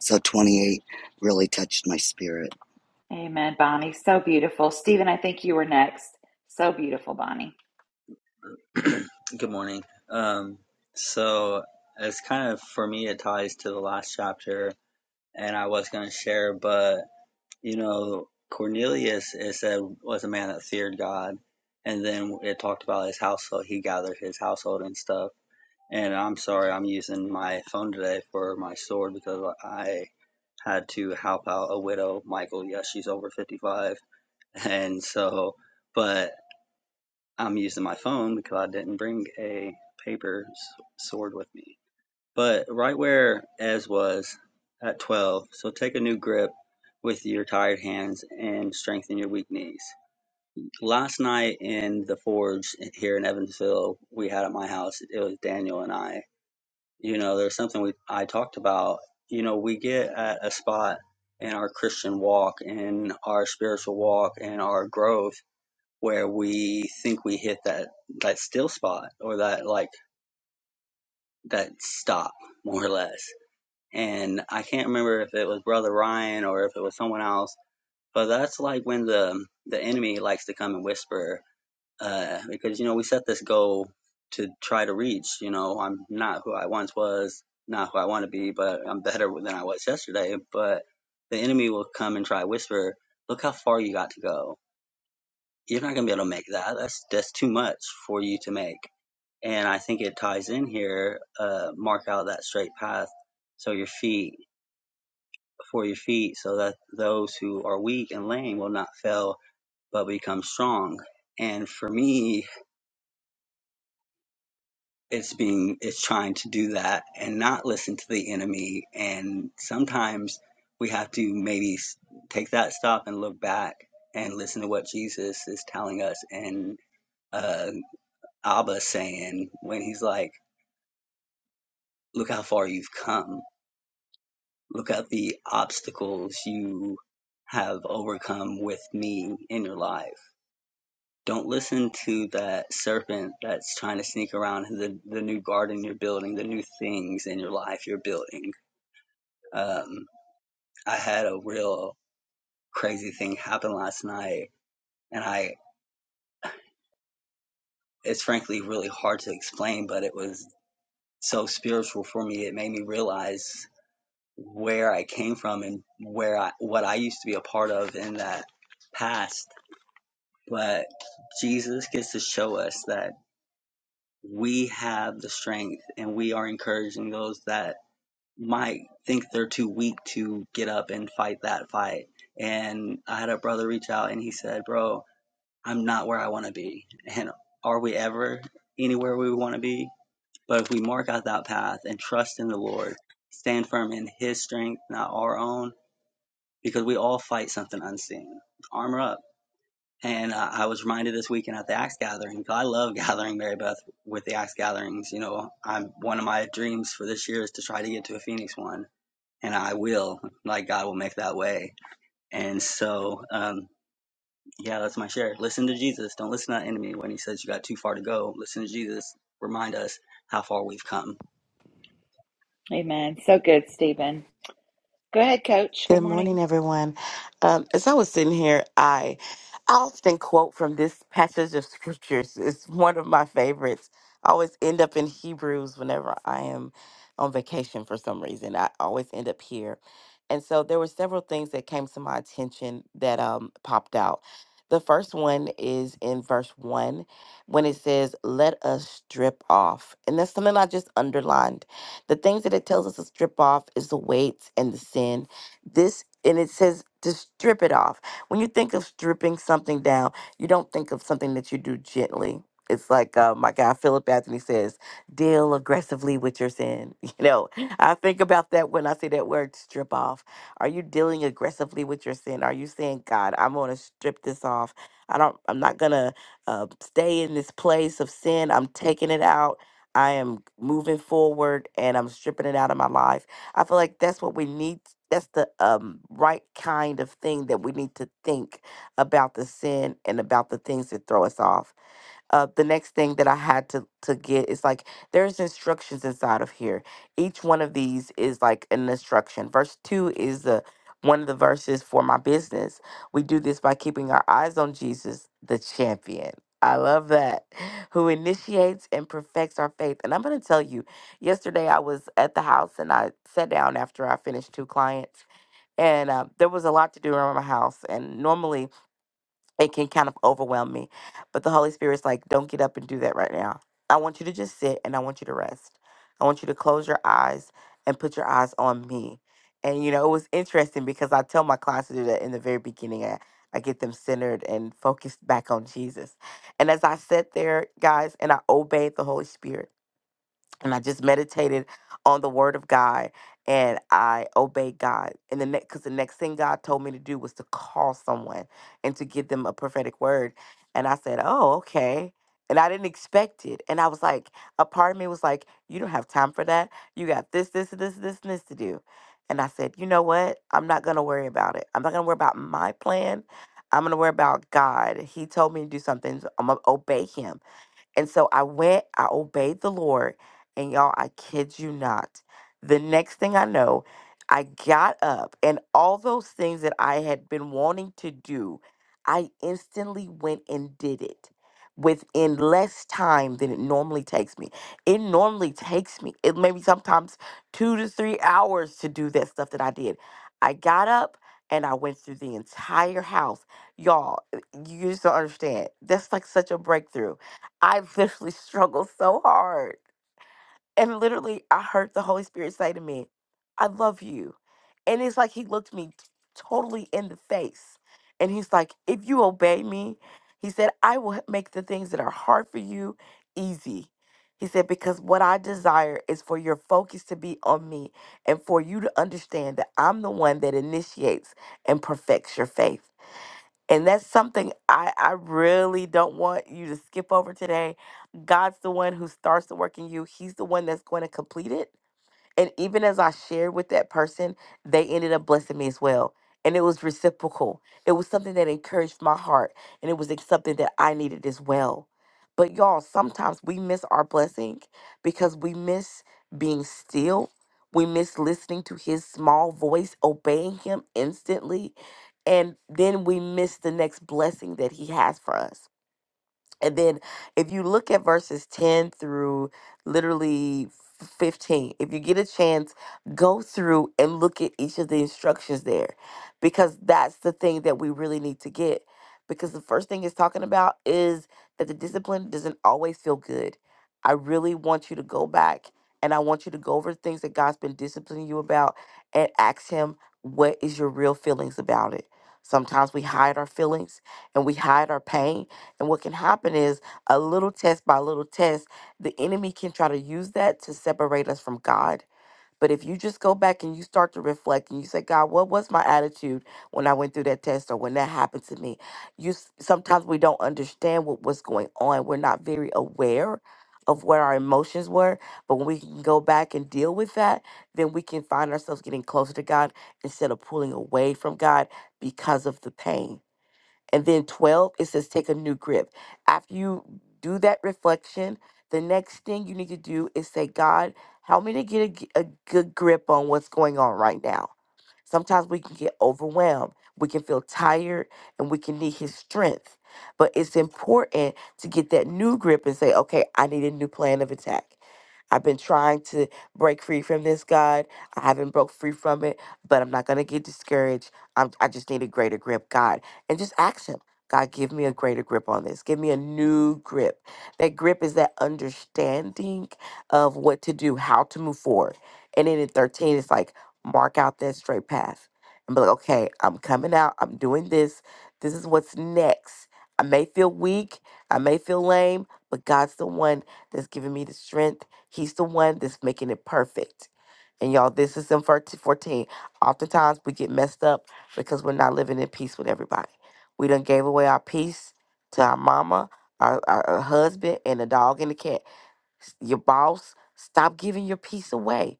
S5: So 28 really touched my spirit.
S1: Amen, Bonnie. So beautiful. Stephen, I think you were next. So beautiful, Bonnie.
S8: <clears throat> Good morning. Um, so it's kind of for me, it ties to the last chapter, and I was going to share, but you know, Cornelius, it said, was a man that feared God, and then it talked about his household. He gathered his household and stuff. And I'm sorry, I'm using my phone today for my sword because I had to help out a widow, Michael. Yes, she's over 55, and so, but. I'm using my phone because I didn't bring a paper sword with me. But right where Ez was at 12, so take a new grip with your tired hands and strengthen your weak knees. Last night in the forge here in Evansville, we had at my house, it was Daniel and I. You know, there's something we I talked about. You know, we get at a spot in our Christian walk, in our spiritual walk, in our growth where we think we hit that that still spot or that like that stop more or less. And I can't remember if it was Brother Ryan or if it was someone else, but that's like when the the enemy likes to come and whisper, uh, because you know we set this goal to try to reach. You know, I'm not who I once was, not who I want to be, but I'm better than I was yesterday. But the enemy will come and try to whisper, look how far you got to go. You're not gonna be able to make that. That's that's too much for you to make and I think it ties in here. Uh, mark out that straight path, so your feet for your feet, so that those who are weak and lame will not fail, but become strong. And for me, it's being it's trying to do that and not listen to the enemy. And sometimes we have to maybe s- take that stop and look back and listen to what Jesus is telling us and uh, Abba saying when he's like, "Look how far you've come." Look at the obstacles you have overcome with me in your life. Don't listen to that serpent that's trying to sneak around the, the new garden you're building, the new things in your life you're building. Um, I had a real crazy thing happen last night, and I it's frankly really hard to explain, but it was so spiritual for me. It made me realize where I came from and where I what I used to be a part of in that past but Jesus gets to show us that we have the strength and we are encouraging those that might think they're too weak to get up and fight that fight. And I had a brother reach out and he said, Bro, I'm not where I want to be. And are we ever anywhere we want to be? But if we mark out that path and trust in the Lord, stand firm in His strength, not our own, because we all fight something unseen. Armor up And uh, I was reminded this weekend at the Axe Gathering. 'cause I love <laughs> gathering Mary Beth with the Axe Gatherings. You know, I'm one of my dreams for this year is to try to get to a Phoenix one, and I will. Like God will make that way. And so, um, yeah, that's my share. Listen to Jesus. Don't listen to the enemy when he says you got too far to go. Listen to Jesus. Remind us how far we've come.
S1: Amen. So good, Stephen. Go ahead, Coach.
S9: Good
S1: Good morning.
S9: morning, everyone. Um, as I was sitting here, I, I often quote from this passage of <laughs> scriptures. It's one of my favorites. I always end up in Hebrews whenever I am on vacation for some reason. I always end up here. And so there were several things that came to my attention that um, popped out. The first one is in verse one when it says, Let us strip off. And that's something I just underlined. The things that it tells us to strip off is the weights and the sin this and it says to strip it off. When you think of stripping something down, you don't think of something that you do gently. It's like uh, my guy Philip Anthony says, deal aggressively with your sin. <laughs> You know, I think about that when I say that word strip off. Are you dealing aggressively with your sin? Are you saying, God, I'm going to strip this off? I don't, I'm not going to uh, stay in this place of sin. I'm taking it out. I am moving forward and I'm stripping it out of my life. I feel like that's what we need. That's the um, right kind of thing that we need to think about the sin and about the things that throw us off uh, the next thing that I had to to get is like there's instructions inside of here. Each one of these is like an instruction. Verse two is the one of the verses for my business. We do this by keeping our eyes on Jesus, the champion. I love that. <laughs> Who initiates and perfects our faith. And I'm going to tell you, yesterday I was at the house and I sat down after I finished two clients. And uh, there was a lot to do around my house. And normally it can kind of overwhelm me. But the Holy Spirit's like, don't get up and do that right now. I want you to just sit and I want you to rest. I want you to close your eyes and put your eyes on me. And you know, it was interesting because I tell my clients to do that in the very beginning. I, I get them centered and focused back on Jesus. And as I sat there, guys, and I obeyed the Holy Spirit and I just meditated on the word of God and I obeyed God. And the next because the next thing God told me to do was to call someone and to give them a prophetic word. And I said, Oh, okay. And I didn't expect it. And I was like, a part of me was like, you don't have time for that. You got this, this, this, this, and this to do. And I said, you know what? I'm not gonna worry about it. I'm not gonna worry about my plan. I'm gonna worry about God. He told me to do something. so I'm gonna obey him. And so I went, I obeyed the Lord, and y'all, I kid you not. The next thing I know, I got up, and all those things that I had been wanting to do, I instantly went and did it within less time than it normally takes me. It normally takes me, it maybe sometimes two to three hours to do that stuff that I did. I got up and I went through the entire house. Y'all, you just don't understand. That's like such a breakthrough I've literally <laughs> struggled so hard. And literally, I heard the Holy Spirit say to me, I love you. And it's like he looked me t- totally in the face. And he's like, If you obey me, he said, I will h- make the things that are hard for you easy. He said, Because what I desire is for your focus to be on me and for you to understand that I'm the one that initiates and perfects your faith. And that's something I, I really don't want you to skip over today. God's the one who starts the work in you, He's the one that's going to complete it. And even as I shared with that person, they ended up blessing me as well. And it was reciprocal. It was something that encouraged my heart. And it was ex- something that I needed as well. But y'all, sometimes we miss our blessing because we miss being still. We miss listening to his small voice, obeying him instantly. And then we miss the next blessing that he has for us. And then if you look at verses 10 through literally 15, if you get a chance, go through and look at each of the instructions there because that's the thing that we really need to get. Because the first thing it's talking about is that the discipline doesn't always feel good. I really want you to go back and I want you to go over the things that God's been disciplining you about and ask Him, what is your real feelings about it? Sometimes we hide our feelings and we hide our pain and what can happen is a little test by little test, the enemy can try to use that to separate us from God. But if you just go back and you start to reflect and you say, God, what was my attitude when I went through that test or when that happened to me? You s- sometimes we don't understand what was going on. We're not very aware of what our emotions were. But when we can go back and deal with that, then we can find ourselves getting closer to God instead of pulling away from God because of the pain. And then 12, it says take a new grip. After you do that reflection, the next thing you need to do is say, God, help me to get a, g- a good grip on what's going on right now Sometimes we can get overwhelmed, we can feel tired, and we can need His strength. But it's important to get that new grip and say, okay, I need a new plan of attack. I've been trying to break free from this, God. I haven't broke free from it, but I'm not going to get discouraged. I'm, I just need a greater grip, God. And just ask Him, God, give me a greater grip on this. Give me a new grip. That grip is that understanding of what to do, how to move forward. And then in 13, it's like, mark out that straight path and be like, okay, I'm coming out. I'm doing this. This is what's next. I may feel weak. I may feel lame, but God's the one that's giving me the strength. He's the one that's making it perfect. And y'all, this is in 14. Oftentimes we get messed up because we're not living in peace with everybody. We done gave away our peace to our mama, our, our, our husband, and a dog and a cat s- your boss stop giving your peace away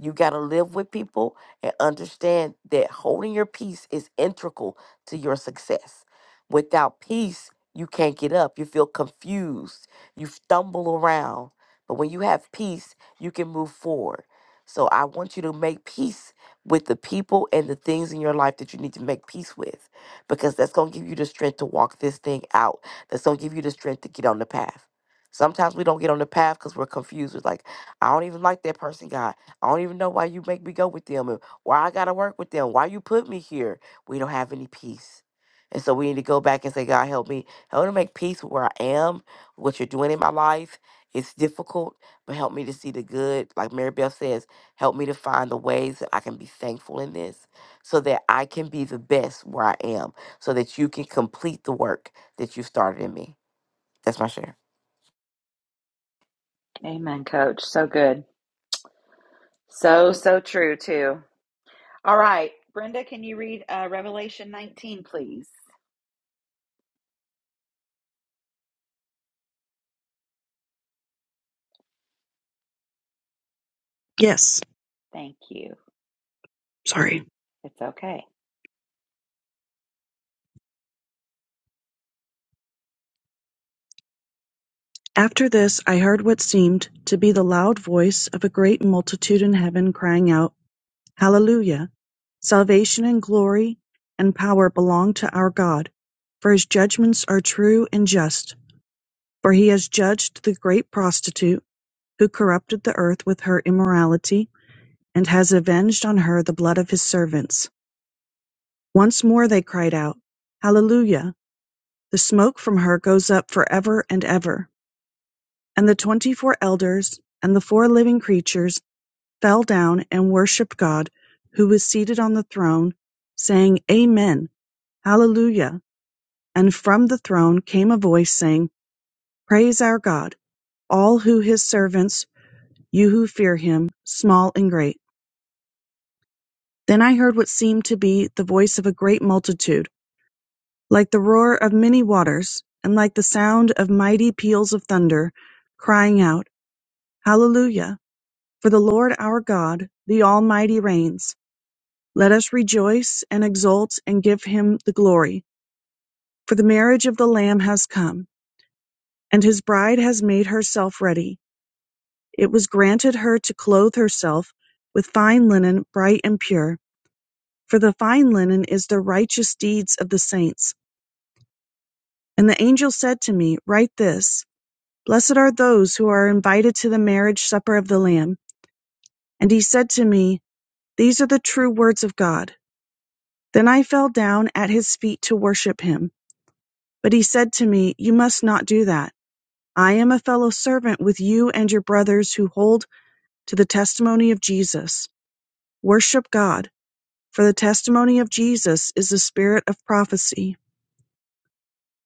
S9: you got to live with people and understand that holding your peace is integral to your success without peace you can't get up you feel confused you stumble around but when you have peace you can move forward so i want you to make peace with the people and the things in your life that you need to make peace with because that's going to give you the strength to walk this thing out that's going to give you the strength to get on the path Sometimes we don't get on the path because we're confused. It's like, I don't even like that person, God. I don't even know why you make me go with them and why I got to work with them, why you put me here. We don't have any peace. And so we need to go back and say, God, help me. Help me to make peace with where I am, what you're doing in my life. It's difficult, but help me to see the good. Like Mary Beth says, help me to find the ways that I can be thankful in this so that I can be the best where I am, so that you can complete the work that you started in me. That's my share.
S1: Amen, coach. So good. So, so true, too. All right. Brenda, can you read uh, Revelation 19, please?
S10: Yes,
S1: Thank you.
S10: sorry.
S1: It's okay.
S10: After this I heard what seemed to be the loud voice of a great multitude in heaven crying out, Hallelujah! Salvation and glory and power belong to our God, for his judgments are true and just. For he has judged the great prostitute who corrupted the earth with her immorality, and has avenged on her the blood of his servants. Once more they cried out, Hallelujah! The smoke from her goes up forever and ever. And the twenty-four elders and the four living creatures fell down and worshipped God, who was seated on the throne, saying, Amen, Hallelujah. And from the throne came a voice saying, Praise our God, all who his servants, you who fear him, small and great. Then I heard what seemed to be the voice of a great multitude, like the roar of many waters, and like the sound of mighty peals of thunder, crying out, Hallelujah. For the Lord our God, the Almighty reigns. Let us rejoice and exult and give him the glory. For the marriage of the Lamb has come, and his bride has made herself ready. It was granted her to clothe herself with fine linen, bright and pure. For the fine linen is the righteous deeds of the saints. And the angel said to me, Write this Blessed are those who are invited to the marriage supper of the Lamb. And he said to me, These are the true words of God. Then I fell down at his feet to worship him. But he said to me, You must not do that. I am a fellow servant with you and your brothers who hold to the testimony of Jesus. Worship God, for the testimony of Jesus is the spirit of prophecy.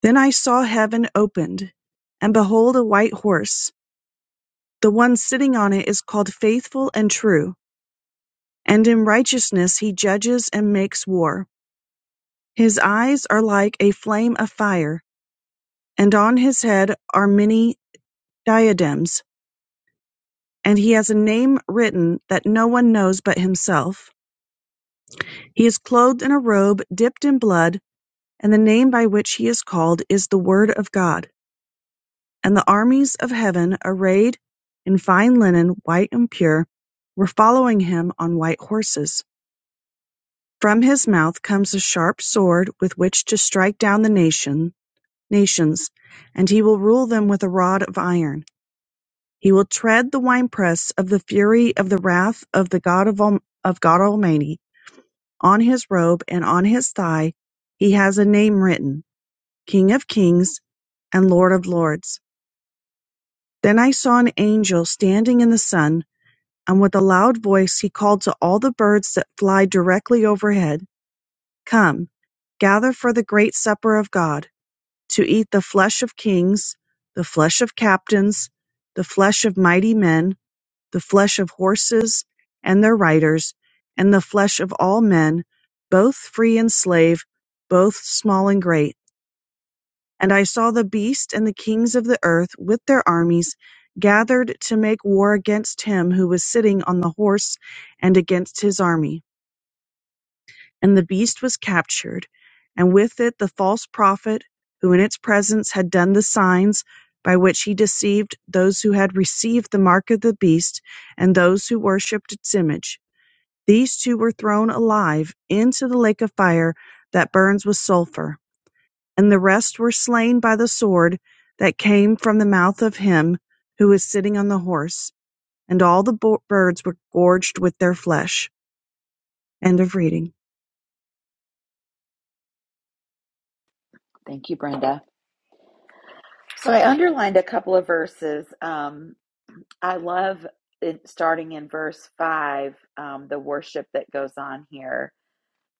S10: Then I saw heaven opened, and behold, a white horse. The one sitting on it is called Faithful and True, and in righteousness he judges and makes war. His eyes are like a flame of fire And on his head are many diadems, and he has a name written that no one knows but himself. He is clothed in a robe dipped in blood, and the name by which he is called is the Word of God. And the armies of heaven, arrayed in fine linen, white and pure, were following him on white horses. From his mouth comes a sharp sword with which to strike down the nation, nations, and he will rule them with a rod of iron. He will tread the winepress of the fury of the wrath of the God of, of God Almighty. On his robe and on his thigh he has a name written, King of kings and Lord of lords. Then I saw an angel standing in the sun, and with a loud voice he called to all the birds that fly directly overhead, Come, gather for the great supper of God, to eat the flesh of kings, the flesh of captains, the flesh of mighty men, the flesh of horses and their riders, and the flesh of all men, both free and slave, both small and great. And I saw the beast and the kings of the earth with their armies gathered to make war against him who was sitting on the horse and against his army. And the beast was captured, and with it the false prophet who in its presence had done the signs by which he deceived those who had received the mark of the beast and those who worshipped its image. These two were thrown alive into the lake of fire that burns with sulphur, and the rest were slain by the sword that came from the mouth of him who was sitting on the horse, and all the bo- birds were gorged with their flesh. End of reading.
S1: Thank you, Brenda. So Okay. I underlined a couple of verses. Um, I love it, starting in verse five, um, the worship that goes on here.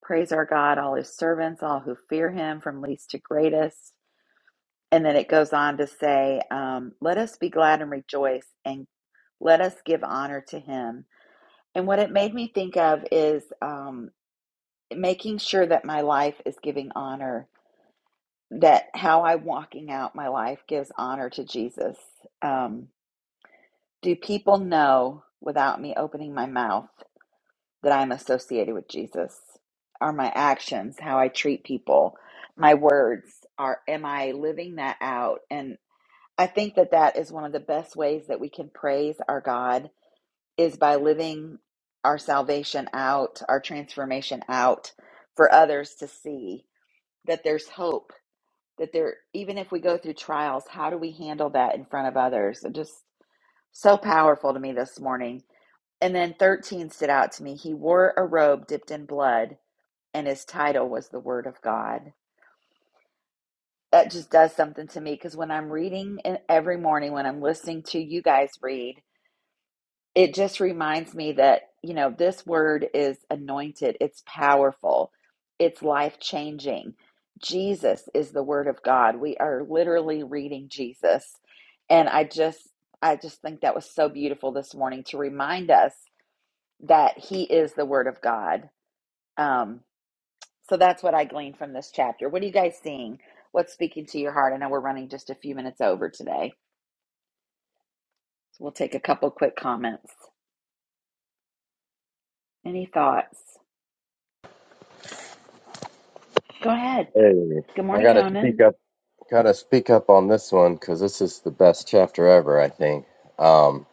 S1: Praise our God, all his servants, all who fear him, from least to greatest. And then it goes on to say, um, Let us be glad and rejoice, and let us give honor to him. And what it made me think of is um, making sure that my life is giving honor that how I'm walking out my life gives honor to Jesus. Um, do people know without me opening my mouth that I'm associated with Jesus? Are my actions, how I treat people, my words, are am I living that out? And I think that that is one of the best ways that we can praise our God is by living our salvation out, our transformation out for others to see that there's hope that there even if we go through trials how do we handle that in front of others and just so powerful to me this morning and then 13 stood out to me he wore a robe dipped in blood and his title was the word of god that just does something to me because when i'm reading and every morning when i'm listening to you guys read it just reminds me that you know this word is anointed it's powerful it's life changing jesus is the word of god we are literally reading jesus and i just i just think that was so beautiful this morning to remind us that he is the word of god um so that's what i gleaned from this chapter what are you guys seeing what's speaking to your heart i know we're running just a few minutes over today so we'll take a couple quick comments any thoughts go ahead
S11: Hey,
S1: Good
S11: I
S1: morning,
S11: gotta speak
S1: Conan.
S11: up. Gotta speak up on this one because this is the best chapter ever. I think. Um,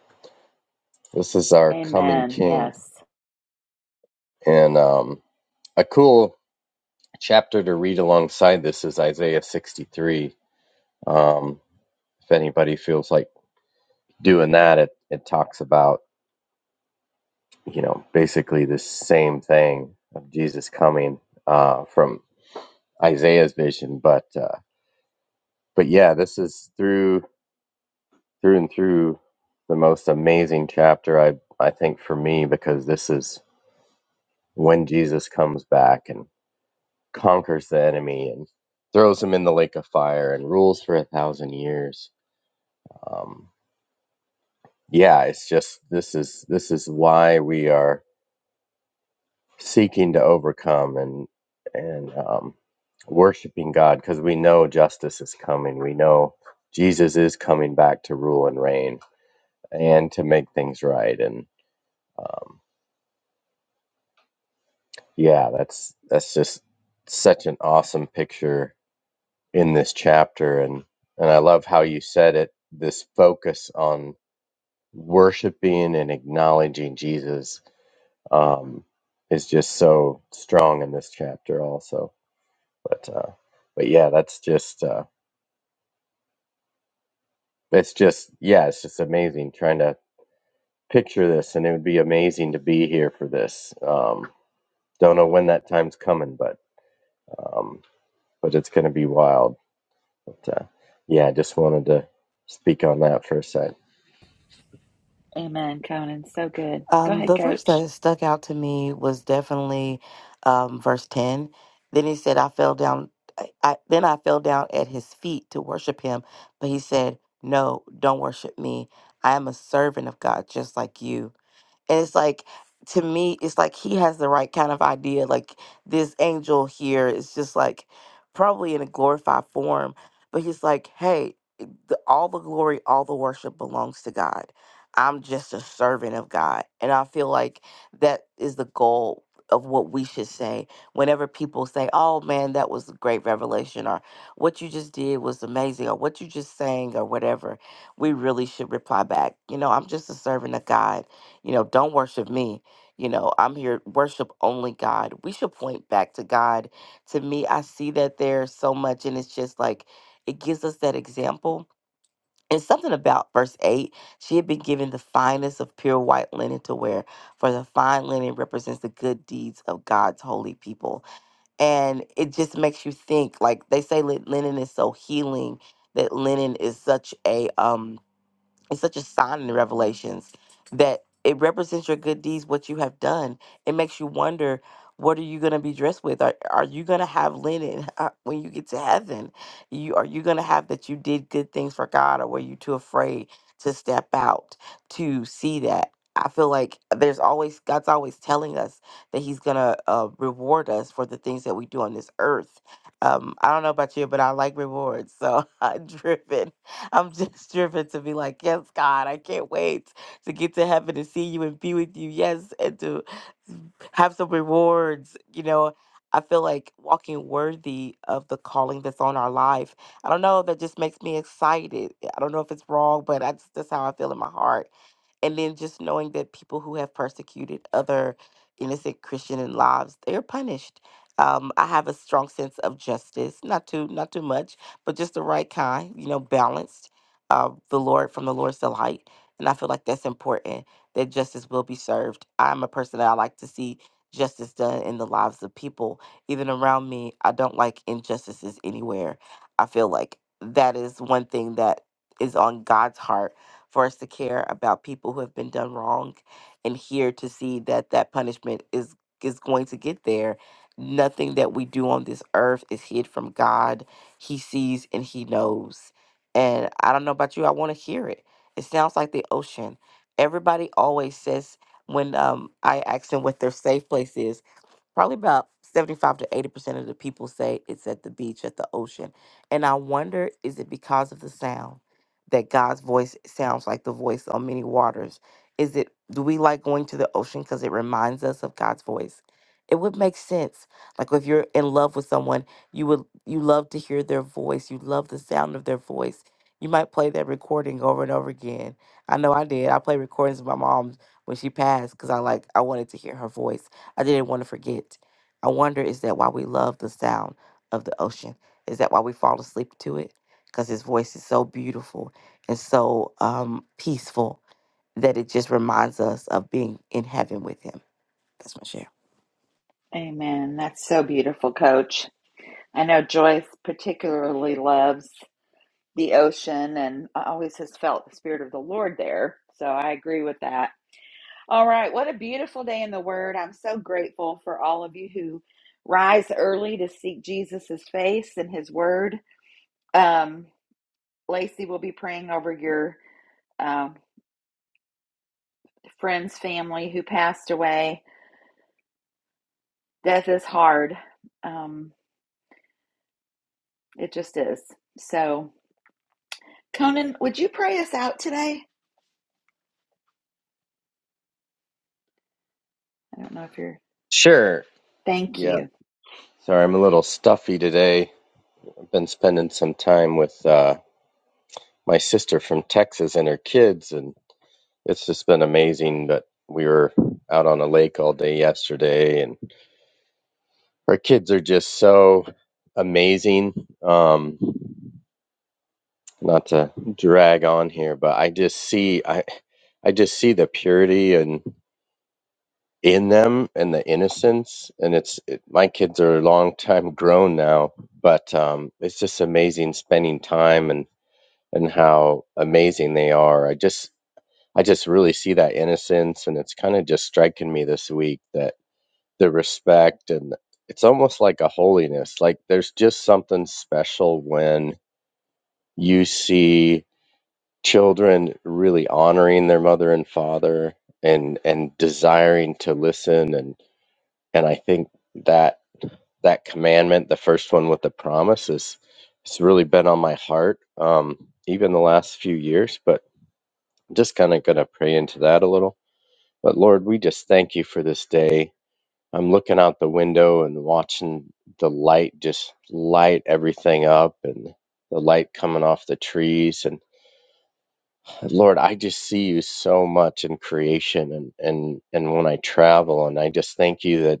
S11: this is our coming
S1: Amen. Yes.
S11: King, and um, a cool chapter to read alongside this is Isaiah 63. Um, if anybody feels like doing that, it it talks about you know basically the same thing of Jesus coming uh, from Isaiah's vision, but uh, but yeah, this is through through and through the most amazing chapter I I think for me because this is when Jesus comes back and conquers the enemy and throws him in the lake of fire and rules for a thousand years. Um, yeah, it's just this is this is why we are seeking to overcome and and um, worshiping God because we know justice is coming. We know Jesus is coming back to rule and reign and to make things right and um, Yeah, that's that's just such an awesome picture in this chapter and and I love how you said it this focus on worshiping and acknowledging Jesus um is just so strong in this chapter also. But uh but yeah, that's just uh it's just yeah, it's just amazing trying to picture this and it would be amazing to be here for this. Um don't know when that time's coming, but um but it's going to be wild. But uh, yeah, I just wanted to speak on that for a sec.
S1: Amen, Conan. So good. Go
S9: Um,
S1: ahead,
S9: the verse
S1: coach.
S9: that stuck out to me was definitely um, verse 10. Then he said, I fell down. I, I, then I fell down at his feet to worship him. But he said, 'No, don't worship me. I am a servant of God just like you. And it's like, to me, it's like he has the right kind of idea. Like this angel here is just like probably in a glorified form, but he's like, hey, it- the, all the glory, all the worship belongs to God. I'm just a servant of God. And I feel like that is the goal of what we should say whenever people say, oh man, that was a great revelation, or what you just did was amazing, or what you just sang, or whatever, we really should reply back, you know, I'm just a servant of God you know, don't worship me. You know, I'm here, worship only God. We should point back to God. To me, I see that there so much, and it's just like it gives us that example. And something about verse 8 she had been given the finest of pure white linen to wear, for the fine linen represents the good deeds of God's holy people. And it just makes you think like they say li- linen is so healing that linen is such a um it's such a sign in the revelations that it represents your good deeds what you have done it makes you wonder what are you going to be dressed with are, are you going to have linen <laughs> uh, when you get to heaven you are you going to have that you did good things for god or were you too afraid to step out to see that i feel like there's always god's always telling us that he's going to uh, reward us for the things that we do on this earth um, i don't know about you but i like rewards so <laughs> i'm driven I'm just <laughs> driven to be like, yes, God, I can't wait to get to heaven and see you and be with you. Yes, and to have some rewards. You know, I feel like walking worthy of the calling that's on our life. I don't know if it just makes me excited. I don't know if it's wrong, but I just, that's how I feel in my heart and then just knowing that people who have persecuted other innocent christian and lives they are punished um, i have a strong sense of justice not too not too much but just the right kind you know balanced uh, the lord from the lord's delight and i feel like that's important that justice will be served i'm a person that i like to see justice done in the lives of people even around me i don't like injustices anywhere i feel like that is one thing that is on god's heart for us to care about people who have been done wrong and here to see that that punishment is is going to get there nothing that we do on this earth is hid from god he sees and he knows and i don't know about you i want to hear it it sounds like the ocean everybody always says when um, i ask them what their safe place is probably about 75 to 80% of the people say it's at the beach, at the ocean. And I wonder is it because of the sound that God's voice sounds like the voice on many waters? Is it, do we like going to the ocean because it reminds us of God's voice? It would make sense. Like if you're in love with someone, you would, you love to hear their voice, you love the sound of their voice. You might play that recording over and over again. I know I did. I play recordings of my mom when she passed because I like I wanted to hear her voice. I didn't want to forget. I wonder is that why we love the sound of the ocean? Is that why we fall asleep to it? Because his voice is so beautiful and so um, peaceful that it just reminds us of being in heaven with him. That's my share.
S1: Amen. That's so beautiful, coach. I know Joyce particularly loves the ocean and always has felt the spirit of the Lord there. So I agree with that. All right. What a beautiful day in the Word. I'm so grateful for all of you who rise early to seek Jesus' face and His Word. Um, Lacey will be praying over your um, friend's family who passed away Death is hard. Um, it just is. So, Conan, would you pray us out today? I don't know if you're.
S11: Sure.
S1: Thank
S11: Yeah.
S1: you.
S11: Sorry, I'm a little stuffy today. I've been spending some time with uh, my sister from Texas and her kids, and it's just been amazing. But we were out on a lake all day yesterday, and our kids are just so amazing. Um, not to drag on here, but I just see I I just see the purity and in them and the innocence and it's it, my kids are a long time grown now, but um it's just amazing spending time and and how amazing they are. I just I just really see that innocence and it's kind of just striking me this week that the respect and it's almost like a holiness. Like there's just something special when you see children really honoring their mother and father and and desiring to listen and and I think that that commandment the first one with the promise is it's really been on my heart um even the last few years but I'm just kind of going to pray into that a little but lord we just thank you for this day I'm looking out the window and watching the light just light everything up and the light coming off the trees and Lord, I just see you so much in creation and, and, and when I travel and I just thank you that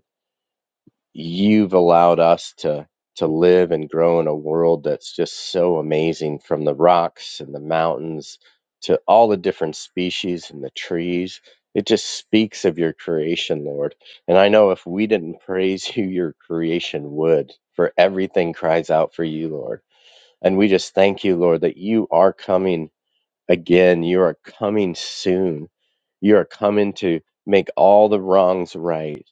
S11: you've allowed us to to live and grow in a world that's just so amazing from the rocks and the mountains to all the different species and the trees. It just speaks of your creation, Lord. And I know if we didn't praise <laughs> you, your creation would, for everything cries out for you, Lord. And we just thank you, Lord, that you are coming Again, you are coming soon. You are coming to make all the wrongs right.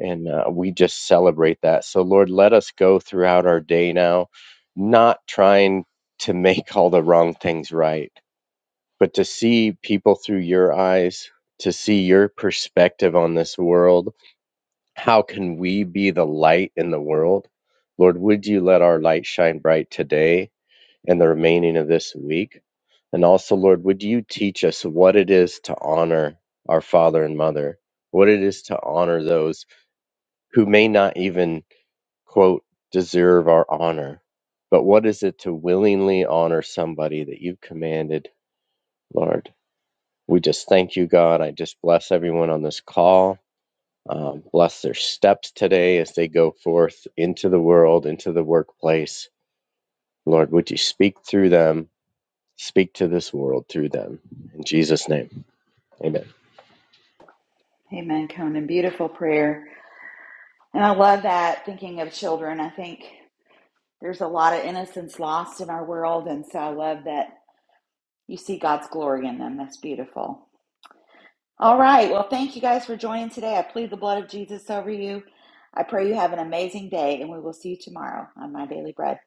S11: And uh, we just celebrate that. So, Lord, let us go throughout our day now, not trying to make all the wrong things right, but to see people through your eyes, to see your perspective on this world. How can we be the light in the world? Lord, would you let our light shine bright today? and the remaining of this week. And also, Lord, would you teach us what it is to honor our father and mother, what it is to honor those who may not even, quote, deserve our honor, but what is it to willingly honor somebody that you've commanded, Lord? We just thank you, God. I just bless everyone on this call. Um, bless their steps today as they go forth into the world, into the workplace. Lord, would you speak through them Speak to this world through them. In Jesus' name, amen.
S1: Amen, Conan. Beautiful prayer. And I love that thinking of children. I think there's a lot of innocence lost in our world. And so I love that you see God's glory in them. That's beautiful. All right. Well, thank you guys for joining today. I plead the blood of Jesus over you. I pray you have an amazing day, and we will see you tomorrow on My Daily Bread.